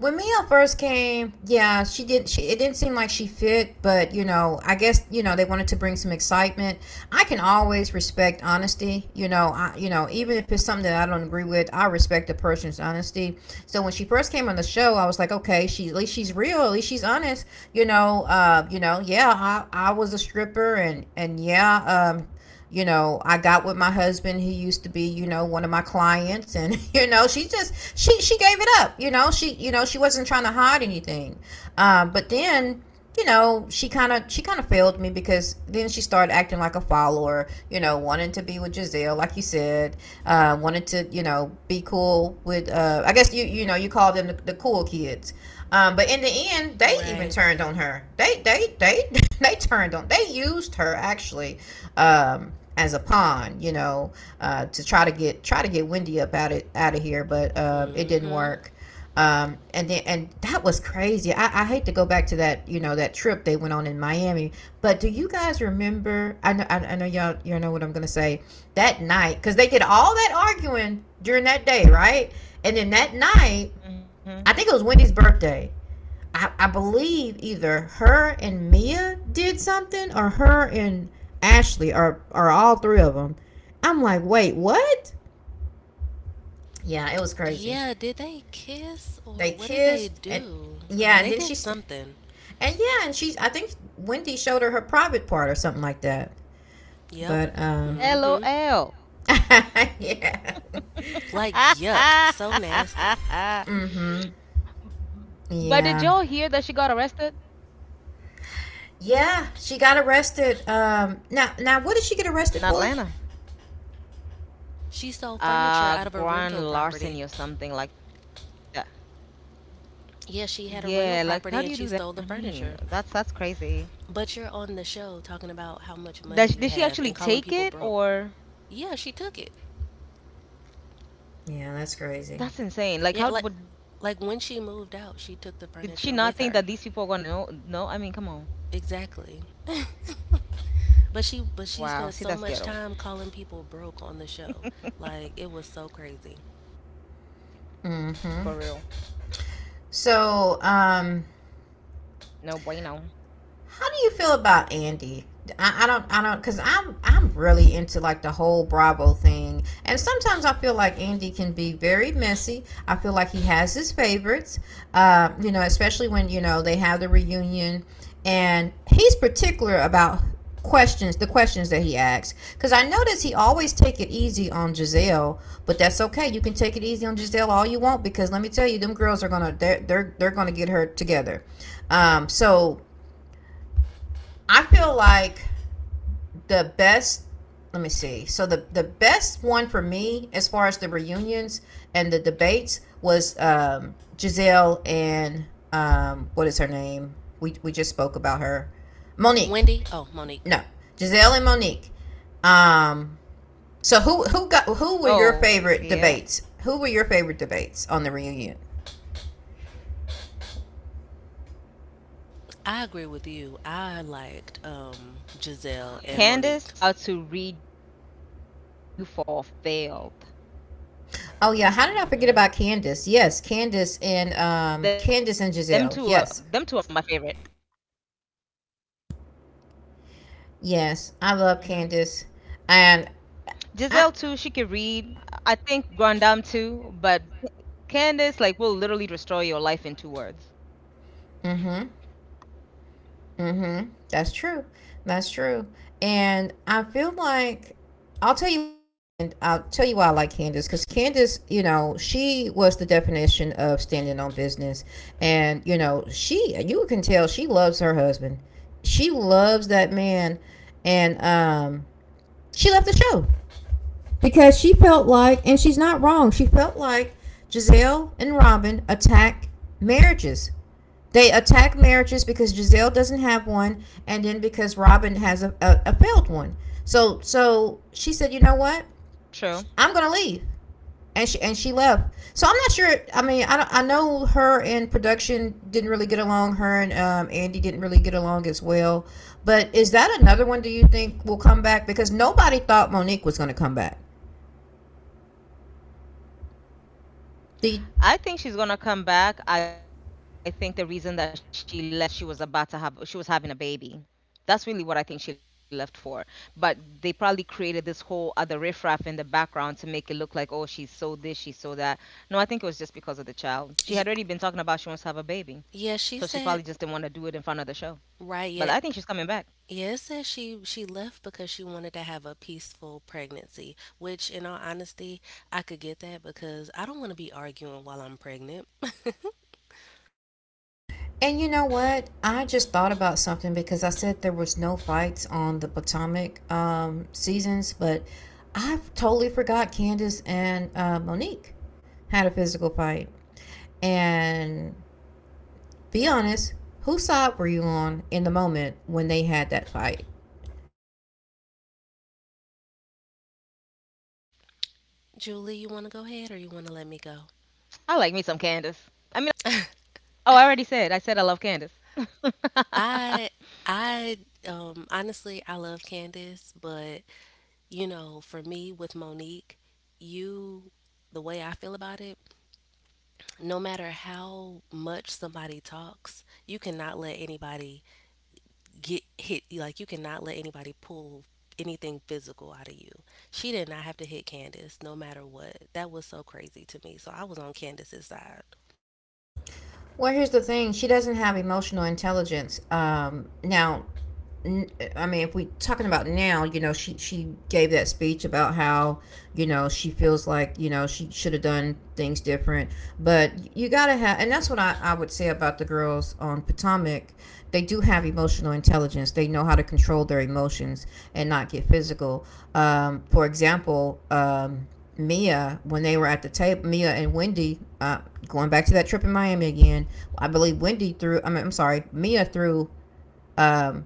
S1: when Mia first came, yeah, she did. She it didn't seem like she fit, but you know, I guess you know they wanted to bring some excitement. I can always respect honesty. You know, even if it's something that I don't agree with, I respect the person's honesty. So when she first came on the show, I was like, okay, she at least she's real, at least she's honest. You know, yeah, I was a stripper, and yeah, um, you know, I got with my husband. He used to be, you know, one of my clients, and [LAUGHS] you know, she just she gave it up. You know she wasn't trying to hide anything. But then you know she kind of failed me because then she started acting like a follower, you know, wanting to be with Giselle like you said. Wanted to, you know, be cool with, I guess you, you know, you call them the cool kids. Um, but in the end they even
S3: right.
S1: turned on her, they [LAUGHS] they turned on they used her actually, um as a pawn, you know, to try to get, Wendy up out of, here, but it didn't
S3: Mm-hmm.
S1: work. And then, and that was crazy. I hate to go back to that, you know, that trip they went on in Miami. But do you guys remember? I know y'all you know what I'm gonna say. That night, because they did all that arguing during that day, right? And then that night,
S2: Hmm.
S1: I think it was Wendy's birthday. I believe either her and Mia did something, or her and Ashley, or all three of them. I'm like, wait, what? Yeah, it was crazy.
S3: Yeah, did they kiss,
S1: They
S3: or what did they
S1: kissed and
S3: do?
S1: yeah,
S3: Um,
S1: and
S3: they
S1: then
S3: did
S1: she,
S3: something.
S1: and yeah, and she's I think Wendy showed her her private part or something like that.
S3: Yep.
S1: But
S3: Mm-hmm.
S2: LOL.
S1: [LAUGHS] yeah,
S3: Like, yuck. So nasty.
S1: mm-hmm,
S2: [LAUGHS] But did
S1: yeah,
S2: y'all hear that she got arrested
S1: yeah. She got arrested. Now what did she get arrested
S2: in
S1: for?
S2: Atlanta?
S3: She stole furniture out of a
S2: Grand
S3: rental property.
S2: larceny or something like that.
S3: Yeah,
S2: Yeah,
S3: she
S2: like
S3: had
S2: how
S3: a
S2: do you do
S3: rental property
S2: that?
S3: and she
S2: I
S3: stole the
S2: mean,
S3: furniture.
S2: that's crazy.
S3: But you're on the show talking about how much money
S2: Does
S3: you
S2: did she
S3: have
S2: actually
S3: and calling
S2: take
S3: people
S2: it
S3: broke.
S2: or
S3: Yeah, she took it.
S1: Yeah, that's crazy.
S3: Yeah, like
S2: that's
S3: like
S2: insane.
S3: when she
S2: Like how
S3: moved
S2: what,
S3: out she
S2: did she
S3: took the
S2: not
S3: furniture
S2: think that
S3: with
S2: these
S3: her,
S2: people are gonna know? No, I mean, come on.
S3: exactly, but she spent so
S2: Wow,
S3: much
S2: see
S3: time
S2: that's ghetto
S3: calling people broke on the show, like, it was so crazy.
S1: Mm-hmm.
S2: for real.
S1: So, how do
S2: No
S1: you feel
S2: bueno.
S1: about Andy? I don't, cause I'm really into like the whole Bravo thing, and sometimes I feel like Andy can be very messy. I feel like he has his favorites, you know, especially when you know they have the reunion, and he's particular about the questions that he asks. Cause I notice he always take it easy on Giselle, but that's okay. You can take it easy on Giselle all you want, because let me tell you, them girls are gonna, they're gonna get her together. So I feel like the best. Let
S2: Mhm.
S1: me see. So the best one for me, as far as the reunions and the debates, was Giselle and what is her name? We just spoke about her, Monique.
S3: Wendy. Oh, Monique.
S1: No, Giselle and Monique. Um, so who were your favorite debates? Who were your favorite debates on the reunion?
S2: Yeah.
S3: I agree with you, I liked Giselle and Monique.
S2: Candace, Monique. I mean, them two know how to read you for failed.
S1: Oh yeah, how did I forget about Candace? Yes,
S2: hmm
S1: Candace and Giselle. Yes.
S2: them two are my favorite.
S1: Yes, I love Candace,
S2: hmm
S1: and I.
S2: Giselle too. She could read. I think Grandam too, but Candace, like, will literally destroy your life in two words.
S1: Mm-hmm. Mm-hmm. That's true. That's true. And I feel like I'll tell you. And I'll tell you why I like Candace because Candace, you know, she was the definition of standing on business, and you know, she you can tell she loves her husband. She loves that man, and she left the show, because she felt like, and she's not wrong, she felt like Giselle and Robin attack marriages. They attack marriages because Giselle doesn't have one, and then because Robin has a failed one. So, so she said, you know what? I'm gonna
S2: True.
S1: leave, and she left. So I'm not sure. I mean, I know her and production didn't really get along. Her and Andy didn't really get along as well. But is that another one? Do you think will come back? Because nobody thought Monique was gonna come back. Do you?
S2: I think she's gonna come back. I think the reason that she left was because she was about to have she was having a baby. That's really what I think she left for. But they probably created this whole other riffraff in the background to make it look like, oh, she's so this, she's so that. No, I think it was just because of the child. She had
S3: y-
S2: already been talking about she wants to have a baby.
S3: yeah, she
S2: So she
S3: said.
S2: probably just didn't want to do it in front of the show.
S3: Right
S2: But
S3: yet.
S2: I think she's coming back.
S3: Yeah, it says she left because she wanted to have a peaceful pregnancy, which in all honesty, I could get that because I don't want to be arguing while I'm pregnant.
S1: And you know what? I just thought about something because I said there was no fights on the Potomac seasons, but I totally forgot Candace and Monique had a physical fight. And be honest, whose side were you on in the moment when they had that fight?
S2: I like me some Candace. I mean, I love
S3: Julie, you want
S2: Monique
S3: to go
S2: too, but
S3: ahead, or
S2: damn, I
S3: you
S2: love
S3: want
S2: me
S3: to
S2: some
S3: let me go?
S2: Candace. Oh, I already said. I said I love Candace.
S3: I I honestly I love Candace, but for me with Monique, you the way I feel about it, no matter how much somebody talks, you cannot let anybody get hit. Like, you cannot let anybody pull anything physical out of you. She did not have to hit Candace no matter what. That was so crazy to me. So I was on Candace's side.
S1: Well, here's the thing: she doesn't have emotional intelligence. Now, n- I mean, if we talking about now, you know, she gave that speech about how you know she feels like you know she should have done things different, but you gotta have, and that's what I would say about the girls on Potomac. They do have emotional intelligence. They know how to control their emotions and not get physical. For example. Mia when they were at the table. Mia and Wendy, going back to that trip in Miami again. I believe Wendy threw. I mean, I'm sorry, Mia threw um,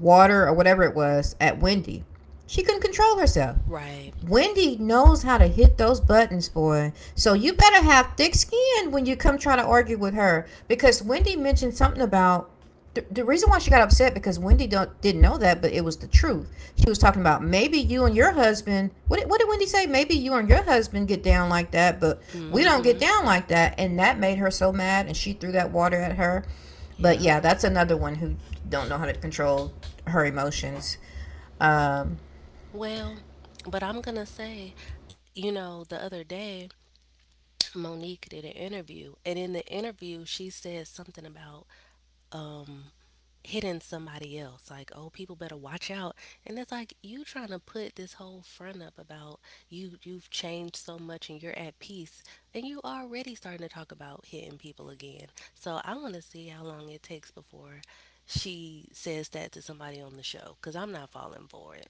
S1: water or whatever it was at Wendy. She couldn't control herself.
S3: Right.
S1: Wendy knows how to hit those buttons, boy. So you better have thick skin when you come try to argue with her because Wendy mentioned something about the reason why she got upset because Wendy don't, didn't know that, but it was the truth. She was talking about maybe you and your husband. What did Wendy say? Maybe you and your husband get down like that, but we don't get
S3: Mm-hmm.
S1: down like that, and that made her so mad, and she threw that water at her. But
S3: Yep.
S1: yeah, that's another one who don't know how to control her emotions. Um,
S3: Well, but I'm gonna say, you know, the other day, Monique did an interview, and in the interview, she said something about um, hitting somebody else. Like, oh, people better watch out. And it's like you trying to put this whole front up about you. You've changed so much, and you're at peace, and you already starting to talk about hitting people again. So I want to see how long it takes before she says that to somebody on the show, because I'm not falling for it.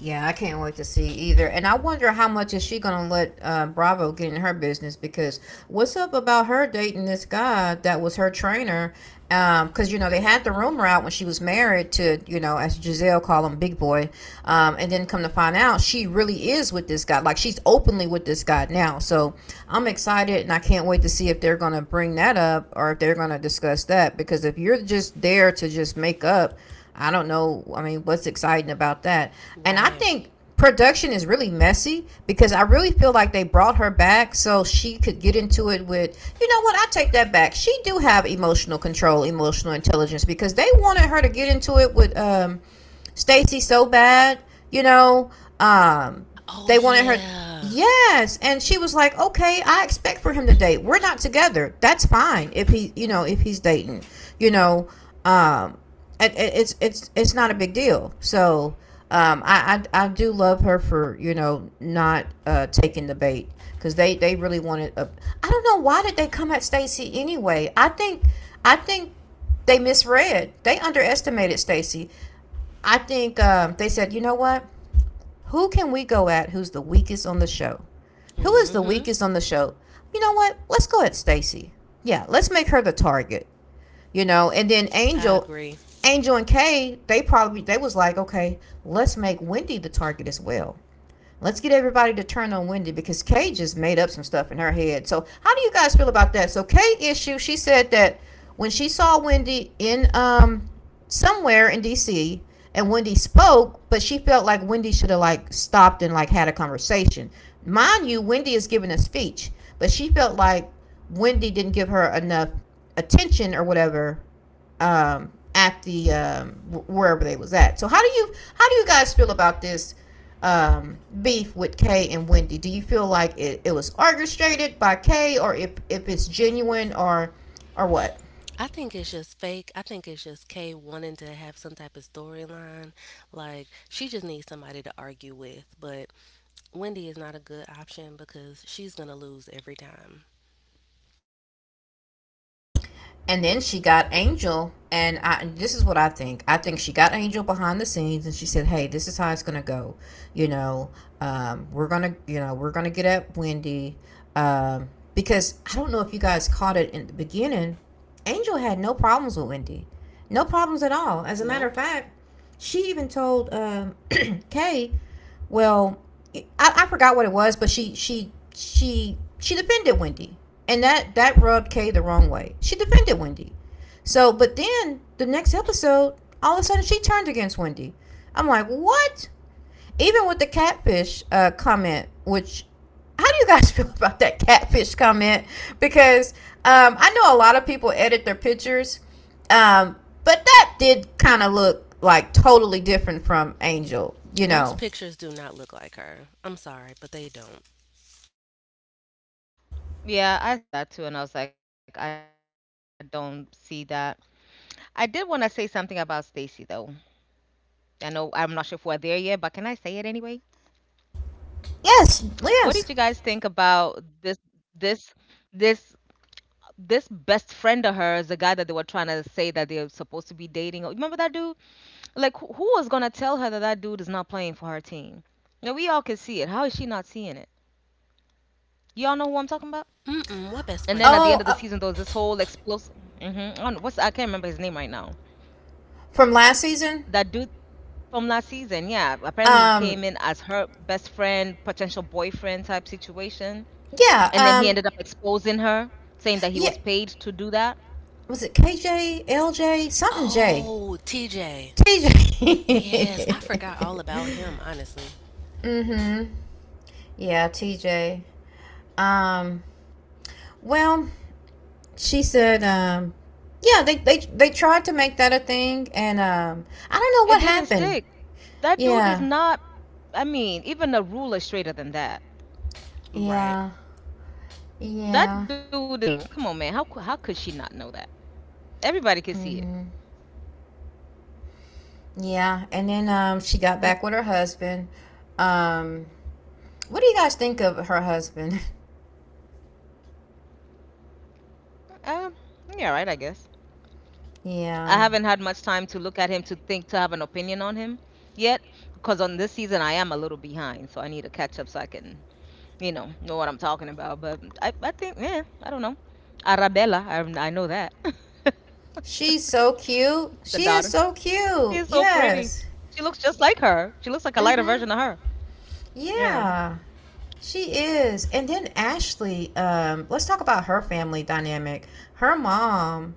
S1: Yeah, I can't wait to see either. And I wonder how much is she gonna let Bravo get in her business because what's up about her dating this guy that was her trainer? Because you know they had the rumor out when she was married to, you know, as Giselle call him, Big Boy, and then come to find out she really is with this guy. Like she's openly with this guy now. So I'm excited and I can't wait to see if they're gonna bring that up or if they're gonna discuss that because if you're just there to just make up, I don't know. I mean, what's exciting about that? And I
S3: Right.
S1: think production is really messy because I really feel like they brought her back so she could get into it with, you know what, I take that back, she do have emotional control, emotional intelligence, because they wanted her to get into it with Stacy so bad, you know, um,
S3: Oh
S1: they wanted her.
S3: yeah.
S1: Yes, and she was like, "Okay, I expect for him to date. We're not together. That's fine if he, you know, if he's dating, you know, um, it's, it's not a big deal." So, I do love her for you know not taking the bait because they really wanted. A, I don't know why did they come at Stacy anyway. I think they misread. They underestimated Stacy. I think they said, you know what? Who can we go at, who's the weakest on the show? Who is the
S3: Mm-hmm.
S1: weakest on the show? You know what? Let's go at Stacy. Yeah, let's make her the target. You know, and then
S3: I
S1: Angel,
S3: agree.
S1: Angel and Kay, they probably they was like, okay, let's make Wendy the target as well. Let's get everybody to turn on Wendy because Kay just made up some stuff in her head. So, how do you guys feel about that? So, Kay issue, she said that when she saw Wendy in somewhere in DC and Wendy spoke, but she felt like Wendy should have like stopped and like had a conversation. Mind you, Wendy is giving a speech, but she felt like Wendy didn't give her enough attention or whatever at the wherever they was at. So how do you guys feel about this beef with Kay and Wendy? Do you feel like it was orchestrated by Kay, or if it's genuine, or what?
S3: I think it's just fake. I think it's just Kay wanting to have some type of storyline. Like, she just needs somebody to argue with. But Wendy is not a good option because she's going to lose every time.
S1: And then she got Angel, and I, this is what I think. I think she got Angel behind the scenes, and she said, "Hey, this is how it's gonna go. You know, we're gonna, you know, we're gonna get at Wendy, because I don't know if you guys caught it in the beginning. Angel had no problems with Wendy, no problems at all. As a matter of
S3: Nope.
S1: fact, she even told [CLEARS THROAT] Kay, well, I forgot what it was, but she defended Wendy, and that rubbed Kay the wrong way. She defended Wendy. So, but then the next episode, all of a sudden she turned against Wendy. I'm like, what? Even with the catfish comment, which how do you guys [LAUGHS] feel about that catfish comment? Because I know a lot of people edit their pictures, um, but that did kind of look like totally different from Angel, you
S3: Those
S1: know.
S3: pictures do not look like her. I'm sorry, but they don't.
S2: Yeah, I saw that too, and I was like, I don't see that. I did want to say something about Stacy, though. I know I'm not sure if we're there yet, but can I say it anyway? What
S1: Yes,
S2: did you guys
S1: yes.
S2: think about this, this, this best friend of hers, the guy that they were trying to say that they're supposed to be dating? Oh, remember that dude? Who was gonna tell her that that dude is not playing for her team? Now we all can see it. How is she not seeing it? Y'all know who I'm talking about?
S3: Mm-mm. What best
S2: And then
S3: friend?
S2: at
S1: Oh,
S2: the end
S1: uh,
S2: of the season, there was this whole explosive. On what's, I can't remember his name right now.
S1: from last season.
S2: That dude from last season, yeah.
S1: Um,
S2: Apparently, he came in as her best friend, potential boyfriend type situation,
S1: yeah. Um,
S2: and then he ended up exposing her,
S1: yeah.
S2: saying that he was paid to do that.
S1: Was it KJ, LJ, something J,
S3: Oh, TJ.
S1: TJ?
S3: Yes, I forgot all about him,
S1: [LAUGHS]
S3: honestly.
S1: Mm-hmm. Yeah, TJ. Um, well, she said. Yeah, they tried to make that a thing, and I don't know
S2: It
S1: what
S2: didn't
S1: happened.
S2: stick. That dude is
S1: Yeah,
S2: not. I mean, even a ruler straighter than that.
S3: Right.
S1: yeah,
S2: That dude is not
S1: yeah.
S2: playing for that team. Come on, man. How could she not know that? Everybody could see it.
S1: Mm-hmm. Yeah, and then she got back with
S2: And
S1: her husband. Um, what do you guys think of her husband? [LAUGHS]
S2: um, yeah, right. I guess. I
S1: Yeah,
S2: haven't had much time to look at him to think to have an opinion on him yet, because on this season I am a little behind, so I need to catch up so I can, know what I'm talking about. But I think, yeah, I don't know. Arabella, I know that
S1: she's so cute.
S2: [LAUGHS] the
S1: She is
S2: daughter.
S1: so cute.
S2: She is so
S1: Yes.
S2: pretty. She looks just like her. She looks like a
S1: Mhm.
S2: lighter version of her.
S1: Yeah,
S2: Yeah.
S1: she is. And then Ashley. Let's talk about her family dynamic. Her mom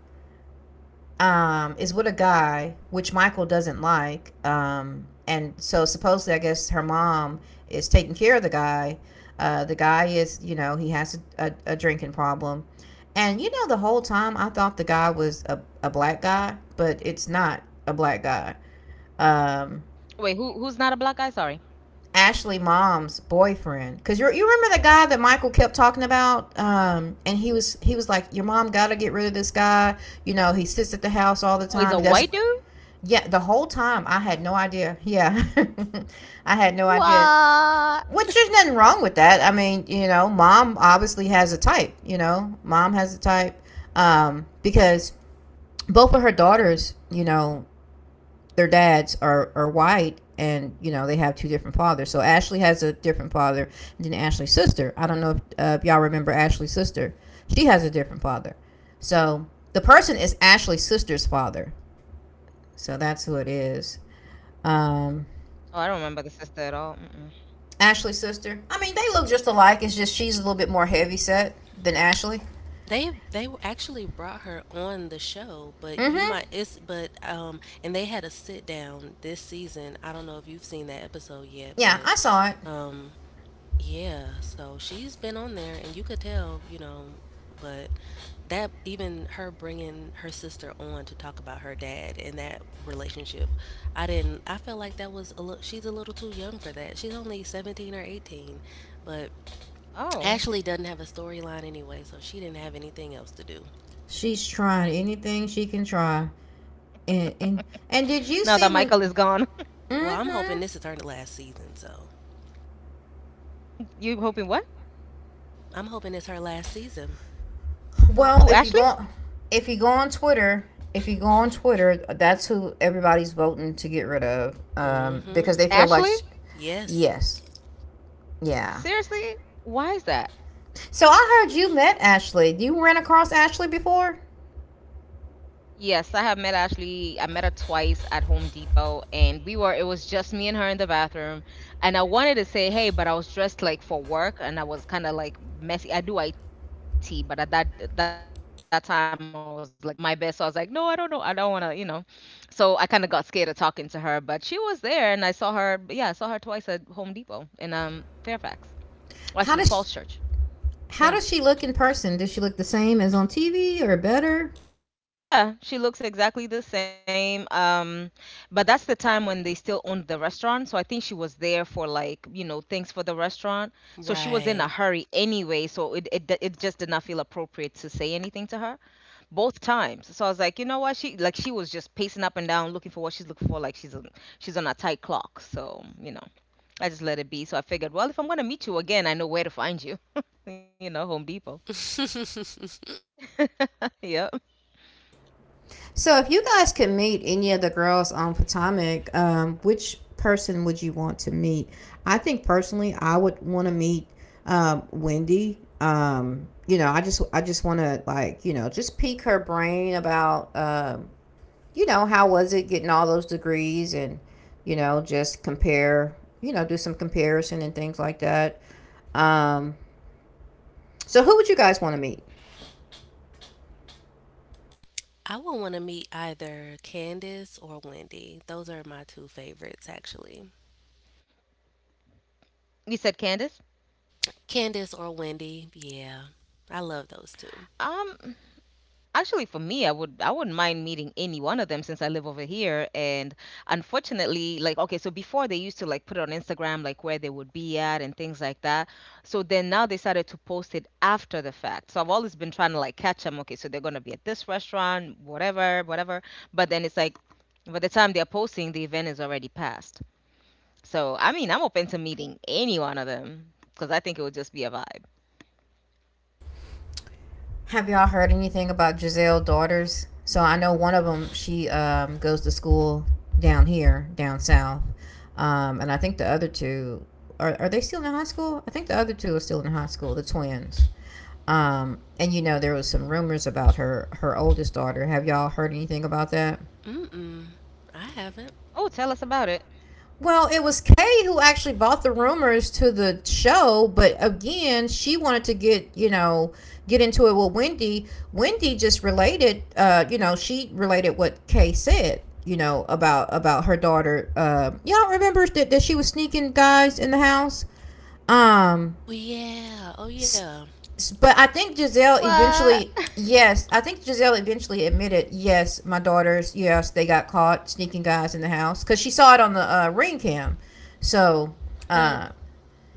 S1: is with a guy which Michael doesn't like. And so supposedly, I guess her mom is taking care of the guy. The guy is, you know, he has a, a drinking problem. And you know, the whole time I thought the guy was a black guy, but it's not a black guy. Um,
S2: Wait, who's not a black guy? Sorry.
S1: Ashley mom's boyfriend, because you remember the guy that Michael kept talking about, and he was like, your mom got to get rid of this guy. You know, he sits at the house all
S2: Oh,
S1: the
S2: he's a
S1: time. He
S2: white
S1: doesn't.
S2: dude.
S1: Yeah, the whole time I had no idea. Yeah, [LAUGHS] I had no idea.
S2: What?
S1: Which there's nothing wrong with that. I mean, you know, mom obviously has a type. You know, mom has a type because both of her daughters, you know, their dads are white, and you know they have two different fathers. So Ashley has a different father than Ashley's sister. I don't know if y'all remember Ashley's sister. She has a different father. So the person is Ashley's sister's father. So that's who it is. Um,
S2: Oh, I don't remember the sister at all. Mm-mm.
S1: Ashley's sister. I mean, they look just alike. It's just she's a little bit more heavy set than Ashley.
S3: They actually brought her on the show, but you
S1: Mm-hmm.
S3: might it's but and they had a sit down this season. I don't know if you've seen that episode yet,
S1: Yeah,
S3: but
S1: I saw it.
S3: um yeah, so she's been on there and you could tell, you know, but that even her bringing her sister on to talk about her dad and that relationship, I didn't I felt like that was a little she's a little too young for that. She's only 17 or 18, but
S2: Oh,
S3: Ashley doesn't have a storyline anyway, so she didn't have anything else to do.
S1: She's trying anything she can try. And
S2: now
S1: and
S2: that
S1: did
S2: Michael
S1: you
S2: is
S1: see
S2: gone,
S1: when?
S3: Well, I'm
S1: Mm-hmm.
S3: hoping this is her last season, so
S2: [LAUGHS] you hoping what?
S3: I'm hoping it's her last season.
S2: Who?
S1: Well, if
S2: Ashley?
S1: you go, if you go on Twitter, if you go on Twitter, that's who everybody's voting to get rid of,
S3: Mm-hmm.
S1: because they feel like,
S2: Ashley?
S1: sh-
S3: Yes.
S1: yes, yeah.
S2: Seriously? Why is that?
S1: So I heard you met Ashley. You ran across Ashley before.
S2: Yes, I have met Ashley. I met her twice at Home Depot, and we were, it was just me and her in the bathroom. And I wanted to say hey, but I was dressed like for work and I was kind of like messy. I do IT, but at that time I was like a whole, I was not looking the, my best. So I was like, no, I don't know. I don't want to, you know. So I kind of got scared of talking to her, but she was there and I saw her, yeah, I saw her twice at Home Depot in Fairfax. Actually,
S1: How does
S2: Falls
S1: she-
S2: Church. Yeah.
S1: how does she look in person? Does she look the same as on TV or better?
S2: Yeah, she looks exactly the same. But that's the time when they still owned the restaurant. So I think she was there for, like, you know, things for the restaurant. So she was in a
S3: Right.
S2: hurry anyway. So it just did not feel appropriate to say anything to her both times. So I was like, you know what? She, like, she was just pacing up and down looking for what she's looking for. Like she's on a tight clock. So, you know, I just let it be. So I figured, well, if I'm going to meet you again, I know where to find you, [LAUGHS] you know, Home Depot. [LAUGHS]
S3: [LAUGHS]
S2: Yeah.
S1: So, if you guys could meet any of the girls on Potomac, which person would you want to meet? I think personally, I would want to meet Wendy. You know, I just want to like, you know, just pique her brain about, you know, how was it getting all those degrees, and you know, just compare, you know, do some comparison and things like that. Um, so, who would you guys want to meet?
S3: I would want to meet either Candace or Wendy. Those are my two favorites, actually.
S2: You said Candace?
S3: Candace or Wendy. Yeah. I love those two.
S2: Um, Actually, for me, I wouldn't mind meeting any one of them since I live over here. And unfortunately, like, okay, so before they used to like put it on Instagram, like where they would be at and things like that. So then now they started to post it after the fact. So I've always been trying to like catch them. Okay, so they're gonna be at this restaurant, whatever, whatever. But then it's like by the time they're posting, the event is already passed. So I mean, I'm open to meeting any one of them because I think it would just be a vibe.
S1: Have y'all heard anything about Giselle daughters? So I know one of them. She goes to school down here, down south, and I think the other two are they still in high school? I think the other two are still in high school. The twins. And you know there was some rumors about her oldest daughter. Have y'all heard anything about that?
S3: Mm-mm. I haven't.
S2: Oh, tell us about it.
S1: Well, it was Kay who actually bought the rumors to the show, but again, she wanted to get, you know, get into it with Wendy. Wendy just related, you know, she related what Kay said, you know, about her daughter. Y'all remember that, that she was sneaking guys in the house? Um,
S3: Oh, yeah. Oh,
S1: S-
S3: yeah.
S1: s- but I think
S2: What?
S1: Giselle
S2: [LAUGHS]
S1: eventually, yes, I think Giselle eventually admitted, yes, my daughters, yes, they got caught sneaking guys in the house because she saw it on the ring cam. So,
S3: But
S1: uh,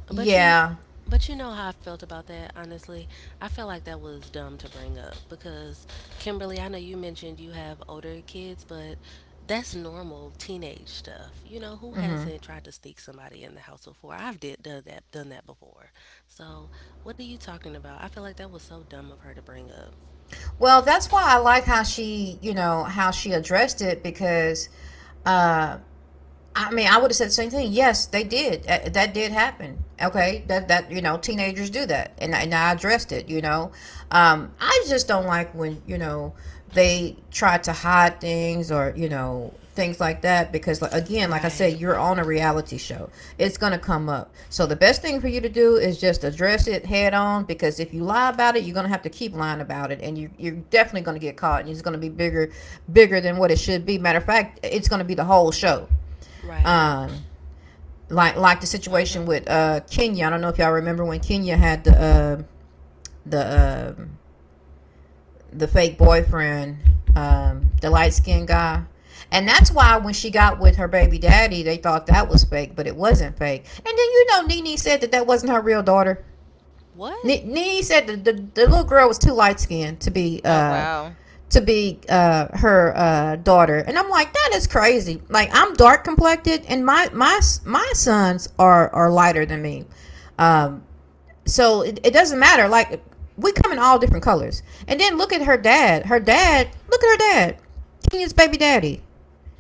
S3: But you,
S1: yeah.
S3: but you know how I felt about that. Honestly, I felt like that was dumb to bring up because Kimberly, I know you mentioned you have older kids, but that's normal teenage stuff. You know who
S1: Hmm.
S3: hasn't tried to sneak somebody in the house before? I've did done that before. So what are you talking about? I feel like that was so dumb of her to
S2: Right.
S3: bring up.
S1: Well, that's why I like how she, you know, how she addressed it because uh, I mean, I would have said the same thing. Yes, they did. That did happen. Okay, that you know, teenagers do that, and I addressed it. You know, I just don't like when you know they try to hide things or you know things like that because like, again, like I
S3: Right,
S1: said, you're on a reality show. It's gonna come up. So the best thing for you to do is just address it head on because if you lie about it, you're gonna have to keep lying about it, and you're definitely gonna get caught, and it's gonna be bigger, bigger than what it should be. Matter of fact, it's gonna be the whole show
S3: right.
S1: um,
S2: Mm-hmm.
S1: like the situation with Kenya. I don't know if y'all remember when Kenya had the the uh, the fake boyfriend, the light skinned guy. And that's why when she got with her baby daddy, they thought that was fake, but it wasn't fake. And then you know, Nene said that that wasn't her real daughter.
S3: What?
S1: N- Nene said the
S2: Oh,
S1: little girl was
S2: wow.
S1: too light skinned to be her daughter, and I'm like that is crazy. Like I'm dark complected, and my sons are lighter than me, um. So it doesn't matter. Like we come in all different colors, and then look at her dad. Her dad, look at her dad, Kenya's baby daddy.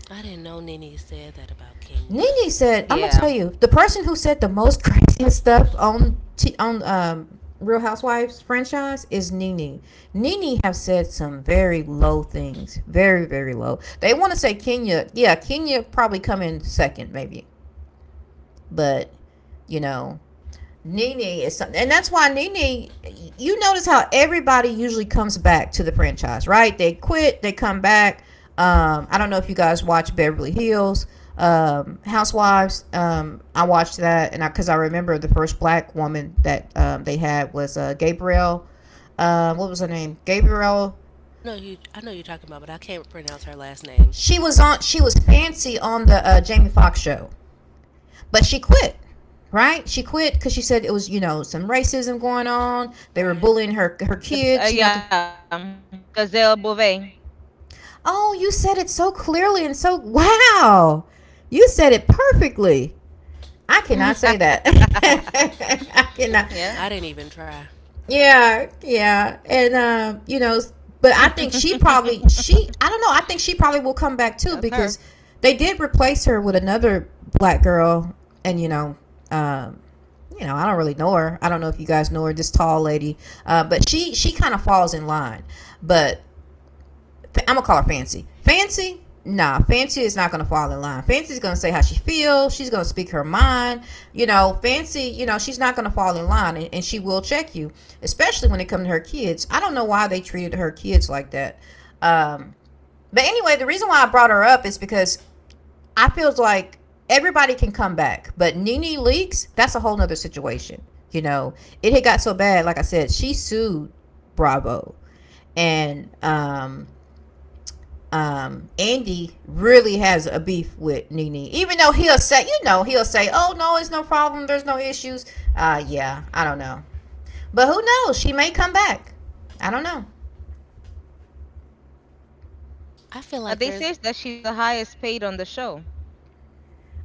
S3: I didn't know Nene said that about Kenya.
S1: Nene said, "I'm gonna
S2: Yeah.
S1: tell you, the person who said the most [LAUGHS] craziest stuff on t- on Real Housewives franchise is Nene. Nene have said some very low things, very very low. They want to say Kenya, yeah, Kenya probably come in second maybe, but you know Nene is something, and that's why Nene. You notice how everybody usually comes back to the franchise, right? They quit, they come back. I don't know if you guys watch Beverly Hills Housewives. I watched that, and I because I remember the first black woman that they had was Gabrielle. What was her name? Gabrielle.
S3: I know you. I know you're talking about, but I can't pronounce her last name.
S1: She was on. She was fancy on the Jamie Foxx show. But she quit, right? She quit because she said it was, you know, some racism going on. They were
S2: But,
S3: Right.
S1: bullying
S2: uh,
S1: her
S2: yeah.
S1: kids, you know.
S2: The Gazelle Beauvais.
S1: Oh, you said it so clearly and so wow. You said it perfectly. I cannot say
S2: [LAUGHS]
S1: that. [LAUGHS] I cannot.
S2: Yeah,
S3: I didn't even try.
S2: that's
S1: Yeah,
S2: her.
S1: yeah, and you know, but I think she probably she I don't know. I think she probably will come back too because they did replace her with another black girl, and um, you know, I don't really know her. I don't know if you guys know her, this tall lady, but she kind of falls in line. But I'm gonna call her Fancy. Fancy, nah, Fancy is not gonna fall in line. Fancy's gonna say how she feels. She's gonna speak her mind. You know, Fancy, you know, she's not gonna fall in line, and she will check you, especially when it comes to her kids. I don't know why they treated her kids like that. Um, but anyway, the reason why I brought her up is because I feels like everybody can come back, but Nene Leakes, that's a whole nother situation. You know, it had got so bad. Like I said, she sued Bravo, and Andy really has a beef with Nene, even though he'll say, you know, he'll say, "Oh no, it's no problem. There's no issues." Yeah, I don't know, but who knows? She may come back. I don't know.
S2: They s-
S3: I feel like
S2: but they
S3: there's
S2: say that she's the highest paid on the show.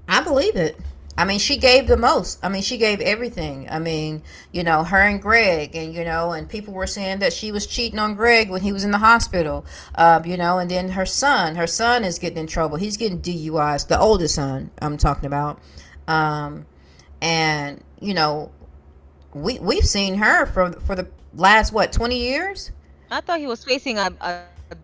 S1: I believe it. I mean, she gave the most. I mean, she gave everything. I mean, you know, her and Greg, and you know, and people were saying that she was cheating on Greg when he was in the hospital. You know, and then her son is getting in trouble. He's getting DUIs. The oldest son, I'm talking about. Um, and you know we've seen her for
S2: I
S1: the
S2: thought he was
S1: last
S2: facing
S1: what 20
S2: a
S1: years.
S2: another charge, like a murder charge or something.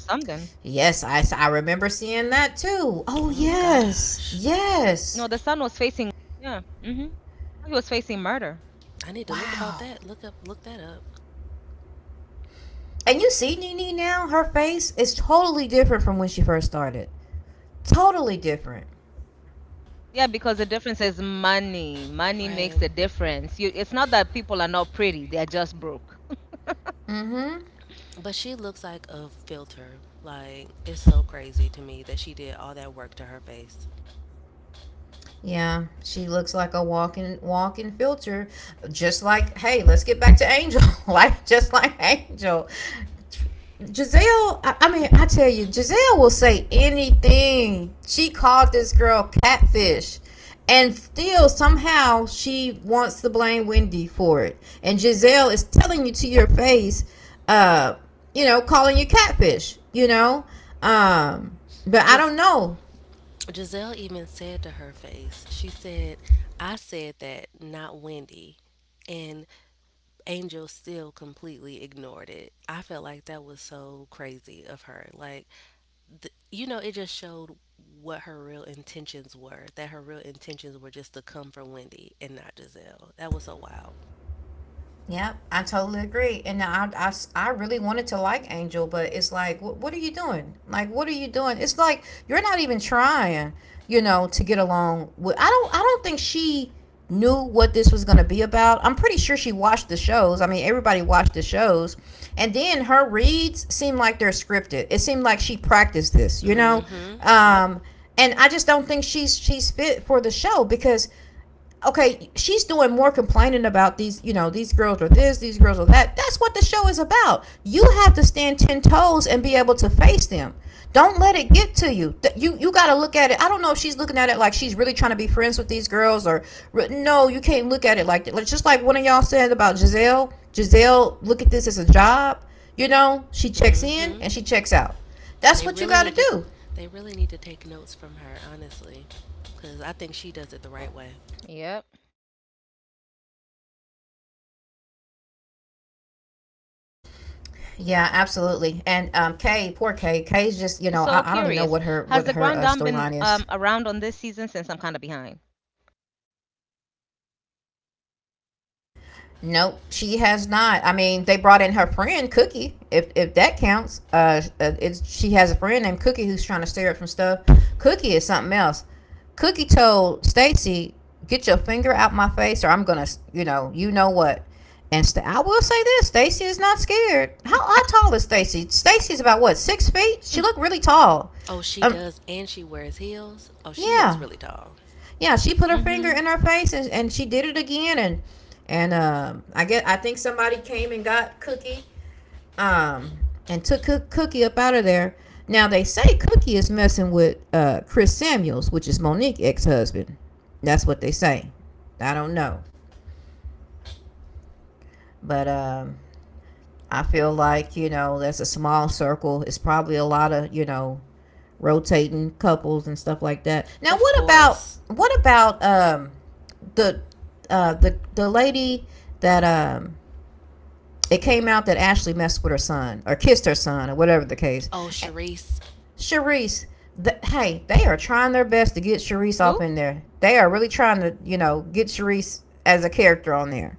S2: hmm
S1: Yes, I remember
S2: No, the son
S1: seeing
S2: was
S1: that
S2: facing
S1: too. Oh
S2: much
S3: oh
S2: bigger charges than
S1: yes,
S3: gosh.
S2: that.
S1: yes.
S2: Yeah. He was facing
S3: I need to
S2: murder.
S3: look about
S1: Wow.
S3: that. Look that up.
S1: And you see Nini now, her face is totally different from when she first started. Totally different.
S2: Yeah, because the difference is money. Money makes
S3: Right.
S2: the difference. You, it's not that people are not pretty; they're just broke. [LAUGHS]
S1: Mm-hmm.
S3: But she looks like a filter. Like it's so crazy to me that she did all that work to her face.
S1: Yeah, she looks like a walking filter. Just like, hey, let's get back to Angel. [LAUGHS] Like, just like Angel. Giselle, I mean, I tell you, Giselle will say anything. She called this girl catfish. And still, somehow, she wants to blame Wendy for it. And Giselle is telling you to your face, uh, calling you catfish, you know? Um, but I
S3: Gis-
S1: don't know.
S3: Giselle even said to her face, she said, I said that, not Wendy. And Angel still completely ignored it. I felt like that was so crazy of her. Like, you know, it just showed what her real intentions were. That her real intentions were just to come from Wendy and not Giselle. That was so wild.
S1: Yep, I totally agree. And I really wanted to like Angel, but it's like, what are you doing? Like, what are you doing? It's like you're not even trying, to get along with. I don't think she knew what this was going to be about. I'm pretty sure she watched the shows. I mean, everybody watched the shows. And then her reads seem like they're scripted. It seemed like she practiced this.
S3: Mm-hmm. Yep.
S1: Um, and I just don't think she's fit for the show because, okay, she's doing more complaining about these girls are this, these girls are that. That's what the show is about. You have to stand 10 toes and be able to face them. Don't let it get to you. You got to look at it. I don't know if she's looking at it like she's really trying to be friends with these girls, or no, you can't look at it like that. Like, just like one of y'all said about Giselle. Giselle, look at this as a job. You know, she checks in
S3: Mm-hmm.
S1: and she checks out.
S3: They
S1: That's what you
S3: really
S1: got
S3: need
S1: to
S3: to.
S1: do.
S3: They really need to take notes from her, honestly, because I think she does it the right way.
S2: Yeah.
S1: Yeah,
S2: So curious,
S1: absolutely.
S2: has
S1: And
S2: the Grand Dame
S1: Kay,
S2: been,
S1: poor Kay.
S2: around
S1: Kay's
S2: on this
S1: just,
S2: season, since I'm
S1: I don't
S2: kind of
S1: even know what
S2: behind?
S1: her storyline is. Nope, she has not. I mean, they brought in her friend Cookie, if that counts. It's She has a friend named Cookie who's trying to steer up some stuff. Cookie is something else. Cookie told Stacy, "Get your finger out my face, or I'm gonna, you know what." And I will say this: Stacy is not scared. How tall is Stacy? Stacy's about what, 6 feet. She looked really tall.
S3: Oh, she
S1: Um,
S3: does, and she wears heels. Oh, she looks
S1: yeah,
S3: really tall.
S1: yeah, she put her
S2: hmm
S1: finger in her face, and she did it again, and I think somebody came and got Cookie, um and took Cookie up out of there. Now they say Cookie is messing with Chris Samuels, which is Monique ex-husband. That's what they say. I don't know.
S2: That's what they're
S1: But
S2: saying, but to me that doesn't even make
S1: I
S2: any
S1: feel
S2: sense.
S1: like,
S2: Didn't she just get
S1: that's a
S2: back with her
S1: small
S2: man?
S1: circle. It's probably a lot of, rotating couples and stuff like that. Now,
S3: Of
S1: what about
S3: course.
S1: what about um the the lady that it came out that Ashley messed with her son or kissed her son or whatever the case.
S3: Oh,
S1: A-
S3: Charisse,
S1: Sharice, hey, they are trying their best to get Sharice off
S2: Who?
S1: in there. They are really trying to, get Sharice as a character on there.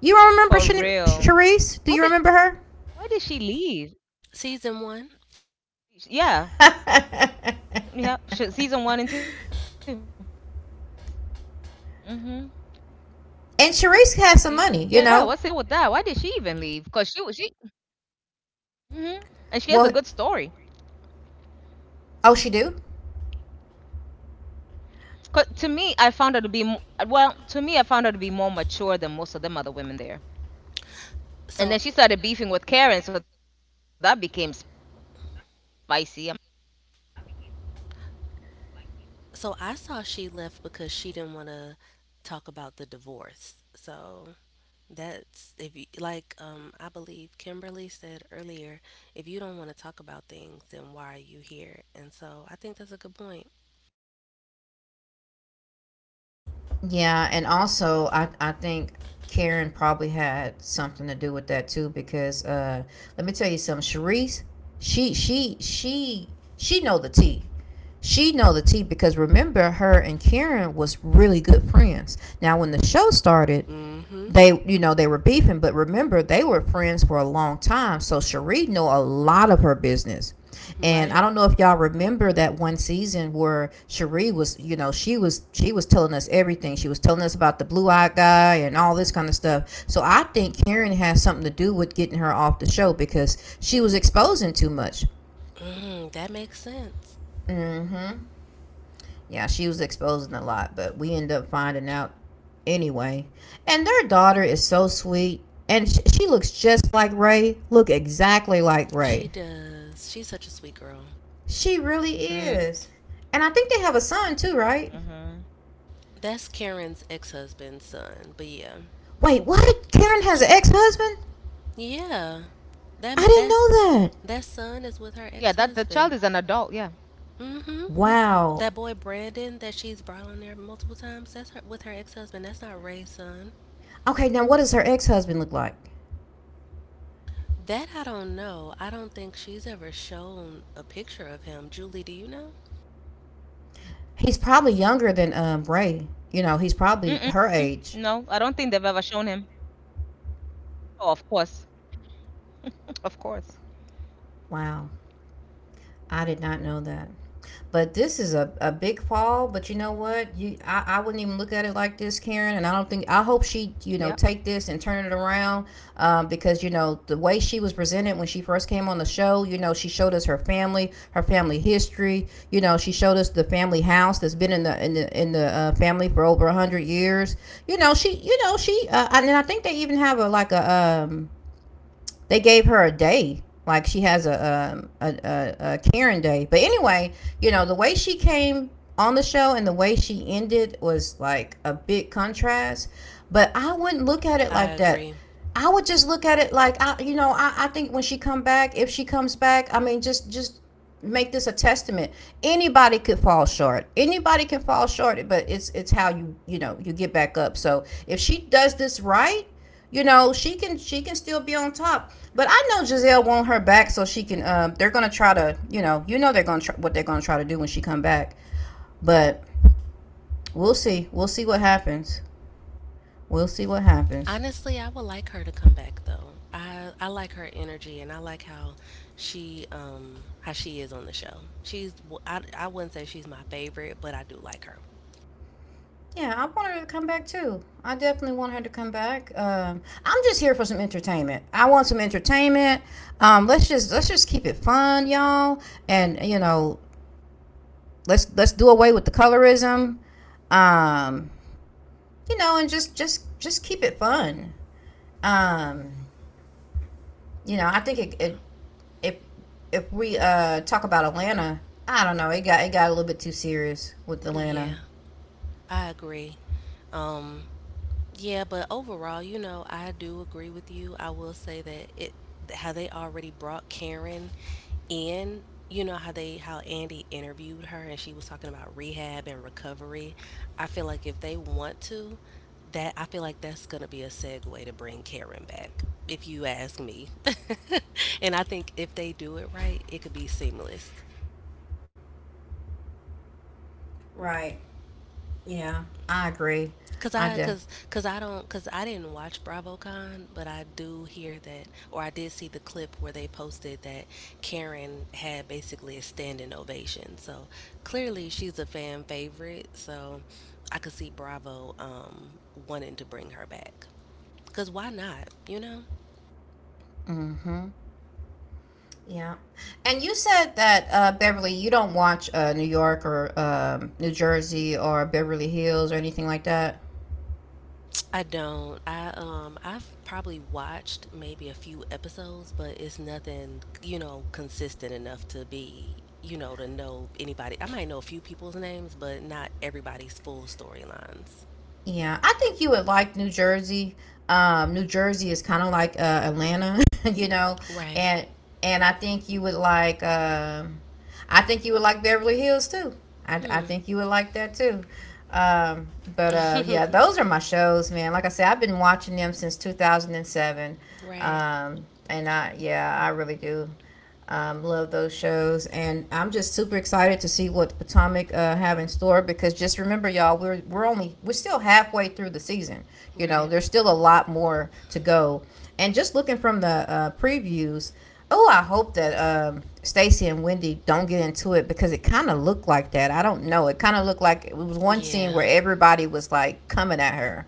S1: You don't remember
S2: For
S1: Shani-
S2: real?
S1: Sharice? Do
S2: What
S1: you
S2: did?
S1: remember her?
S2: Why did she leave?
S3: season one.
S2: Yeah,
S1: [LAUGHS] And
S2: yeah. Season one and 2. hmm
S1: Sharice has some money,
S2: Yeah.
S1: you
S2: What's the
S1: know.
S2: deal with that? Why did she even leave? Cause she was she. hmm And
S1: Well.
S2: she has a good story.
S1: Oh, she do?
S2: 'Cause to me, I found her to be To me, I found her to be more mature than most of them other women there.
S3: So,
S2: And then she started beefing with Karen, so that became spicy. I'm like, oh wow, I thought you two were best friends.
S3: so I saw she left because she didn't want to talk about the divorce. So that's if you like, I believe Kimberly said earlier, if you don't want to talk about things, then why are you here? And so I think that's a good point.
S1: Yeah, and also I think Karen probably had something to do with that too, because let me tell you something, Sharice, she she she she know the tea. She know the tea because remember, her and Karen was really good friends. Now when the show started,
S3: Mm-hmm.
S1: they were beefing, but remember they were friends for a long time, so Cherie knew a lot of her business.
S3: Right.
S1: And I don't know if y'all remember that one season where Cherie was, she was telling us everything. She was telling us about the blue-eyed guy and all this kind of stuff. So I think Karen has something to do with getting her off the show because she was exposing too much.
S3: Mm, that makes sense.
S1: Mm-hmm. Yeah, she was exposing a lot, but we end up finding out anyway. And their daughter is so sweet, and she looks just like Ray. Look exactly like
S3: She
S1: Ray.
S3: does. She's such a sweet girl.
S1: She really is. And
S2: Mm.
S1: I think they have a son too, right?
S2: hmm
S3: That's Karen's ex-husband's son. But yeah,
S1: Wait, what? Karen has an ex-husband?
S3: yeah. That
S1: I didn't
S3: that's
S1: know that.
S3: that son is with her
S2: Yeah, that the
S3: ex-husband.
S2: child is an adult. Yeah.
S3: Mm-hmm.
S2: hmm
S3: That
S1: Wow.
S3: boy Brandon that she's brought on there multiple times. That's her with her ex-husband. That's not Ray's son.
S1: Okay, now what does her ex-husband look like?
S3: That I don't know. I don't think she's ever
S2: We don't
S3: shown
S2: know.
S3: a picture of him. Julie, do you know?
S1: He's probably younger than Ray. You know, he's probably her
S2: Mm-mm.
S1: age.
S2: No, I don't think they've ever shown him. Oh, of course, of course.
S1: Wow, I did not know that.
S2: Yeah.
S1: But this is a big fall. But you know what? I wouldn't even look at it like this, Karen. And I don't think, I hope she, take this and turn it around, because, you know, the way she was presented when she first came on the show. You know, she showed us her family history. You know, she showed us the family house that's been in the family for over 100 years. You know she and I think they even have a like a they gave her a day, like she has a Karen day. But anyway, the way she came on the show and the way she ended was like a big contrast. But I wouldn't look at it
S3: I
S1: like
S3: agree.
S1: that. I would just look at it like, I, you know, I think, when she come back, if she comes back, I mean, just make this a testament. Anybody could fall short. Anybody can fall short, but it's, how you get back up. So if she does this right, she can still be on top, but I know Giselle want her back so she can. They're gonna try to, you know they're gonna try, what they're gonna try to do when she come back. But we'll see. We'll see what happens. We'll see what happens.
S3: Honestly, I would like her to come back though. I like her energy and I like how she is on the show. I, wouldn't say she's my favorite, but I do like her.
S1: Yeah, I want her to come back too. I definitely want her to come back. I'm just here for some entertainment. I want some entertainment. Let's just keep it fun, y'all. And let's do away with the colorism. Um, and just keep it fun. Um, you know, I think, it if if we talk about Atlanta, I don't know. It got a little bit too serious with
S3: Yeah,
S1: Atlanta.
S3: I agree. Um yeah, but overall, you know, I do agree with you. I will say that it how they already brought Karen in, you know, how they how Andy interviewed her and she was talking about rehab and recovery. I feel like if they want to, that I feel like that's gonna be a segue to bring Karen back, if you ask me. [LAUGHS] And I think if they do it right, it could be seamless.
S1: Right. Yeah. I agree.
S3: Cause I,
S1: I do.
S3: cause, cause I don't, cause I didn't watch BravoCon, but I do hear that, or I did see the clip where they posted that Karen had basically a standing ovation. So clearly, she's a fan favorite. So I could see Bravo wanting to bring her back. Cause why not? You know.
S1: Mm-hmm. Yeah. And you said that, Beverly, you don't watch New York or New Jersey or Beverly Hills or anything like that.
S3: I don't. I've probably watched maybe a few episodes, but it's nothing, you know, consistent enough to be, you know, to know anybody. I might know a few people's names, but not everybody's full storylines.
S1: Yeah, I think you would like New Jersey. New Jersey is kind of like Atlanta, [LAUGHS] you know,
S3: Right.
S1: and and I think you would like. I think you would like Beverly Hills too. I,
S3: Hmm.
S1: I think you would like that too. Um, but yeah, those are my shows, man. Like I said, I've been watching them since 2007,
S3: Right.
S1: and I yeah, I really do, love those shows, and I'm just super excited to see what Potomac have in store. Because just remember, y'all, we're still halfway through the season. You
S3: Right.
S1: know, there's still a lot more to go. And just looking from the previews, oh, I hope that Stacy and Wendy don't get into it, because it kind of looked like that. I don't know. It kind of looked like it was one
S3: Yeah.
S1: scene where everybody was like coming at her,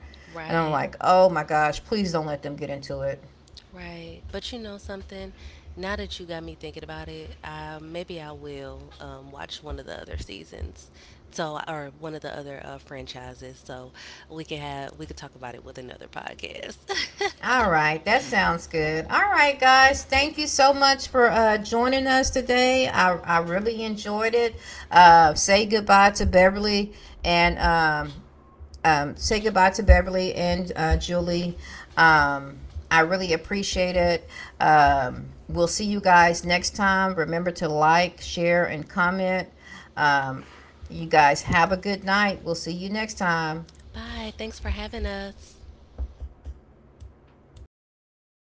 S1: and
S3: Right.
S1: I'm like, oh my gosh, please don't let them get into it.
S3: Right. But you know something? Now that you got me thinking about it, maybe I will watch one of the other seasons. So, or one of the other franchises. So we could talk about it with another podcast.
S1: All right, that sounds good. All right, guys, thank you so much for joining us today. I really enjoyed it. Say goodbye to Beverly and say goodbye to Beverly and Julie. Um, I really appreciate it. We'll see you guys next time. Remember to like, share, and comment. Um, you guys have a good night. We'll see you next time.
S3: [LAUGHS] Bye. Thanks for having us.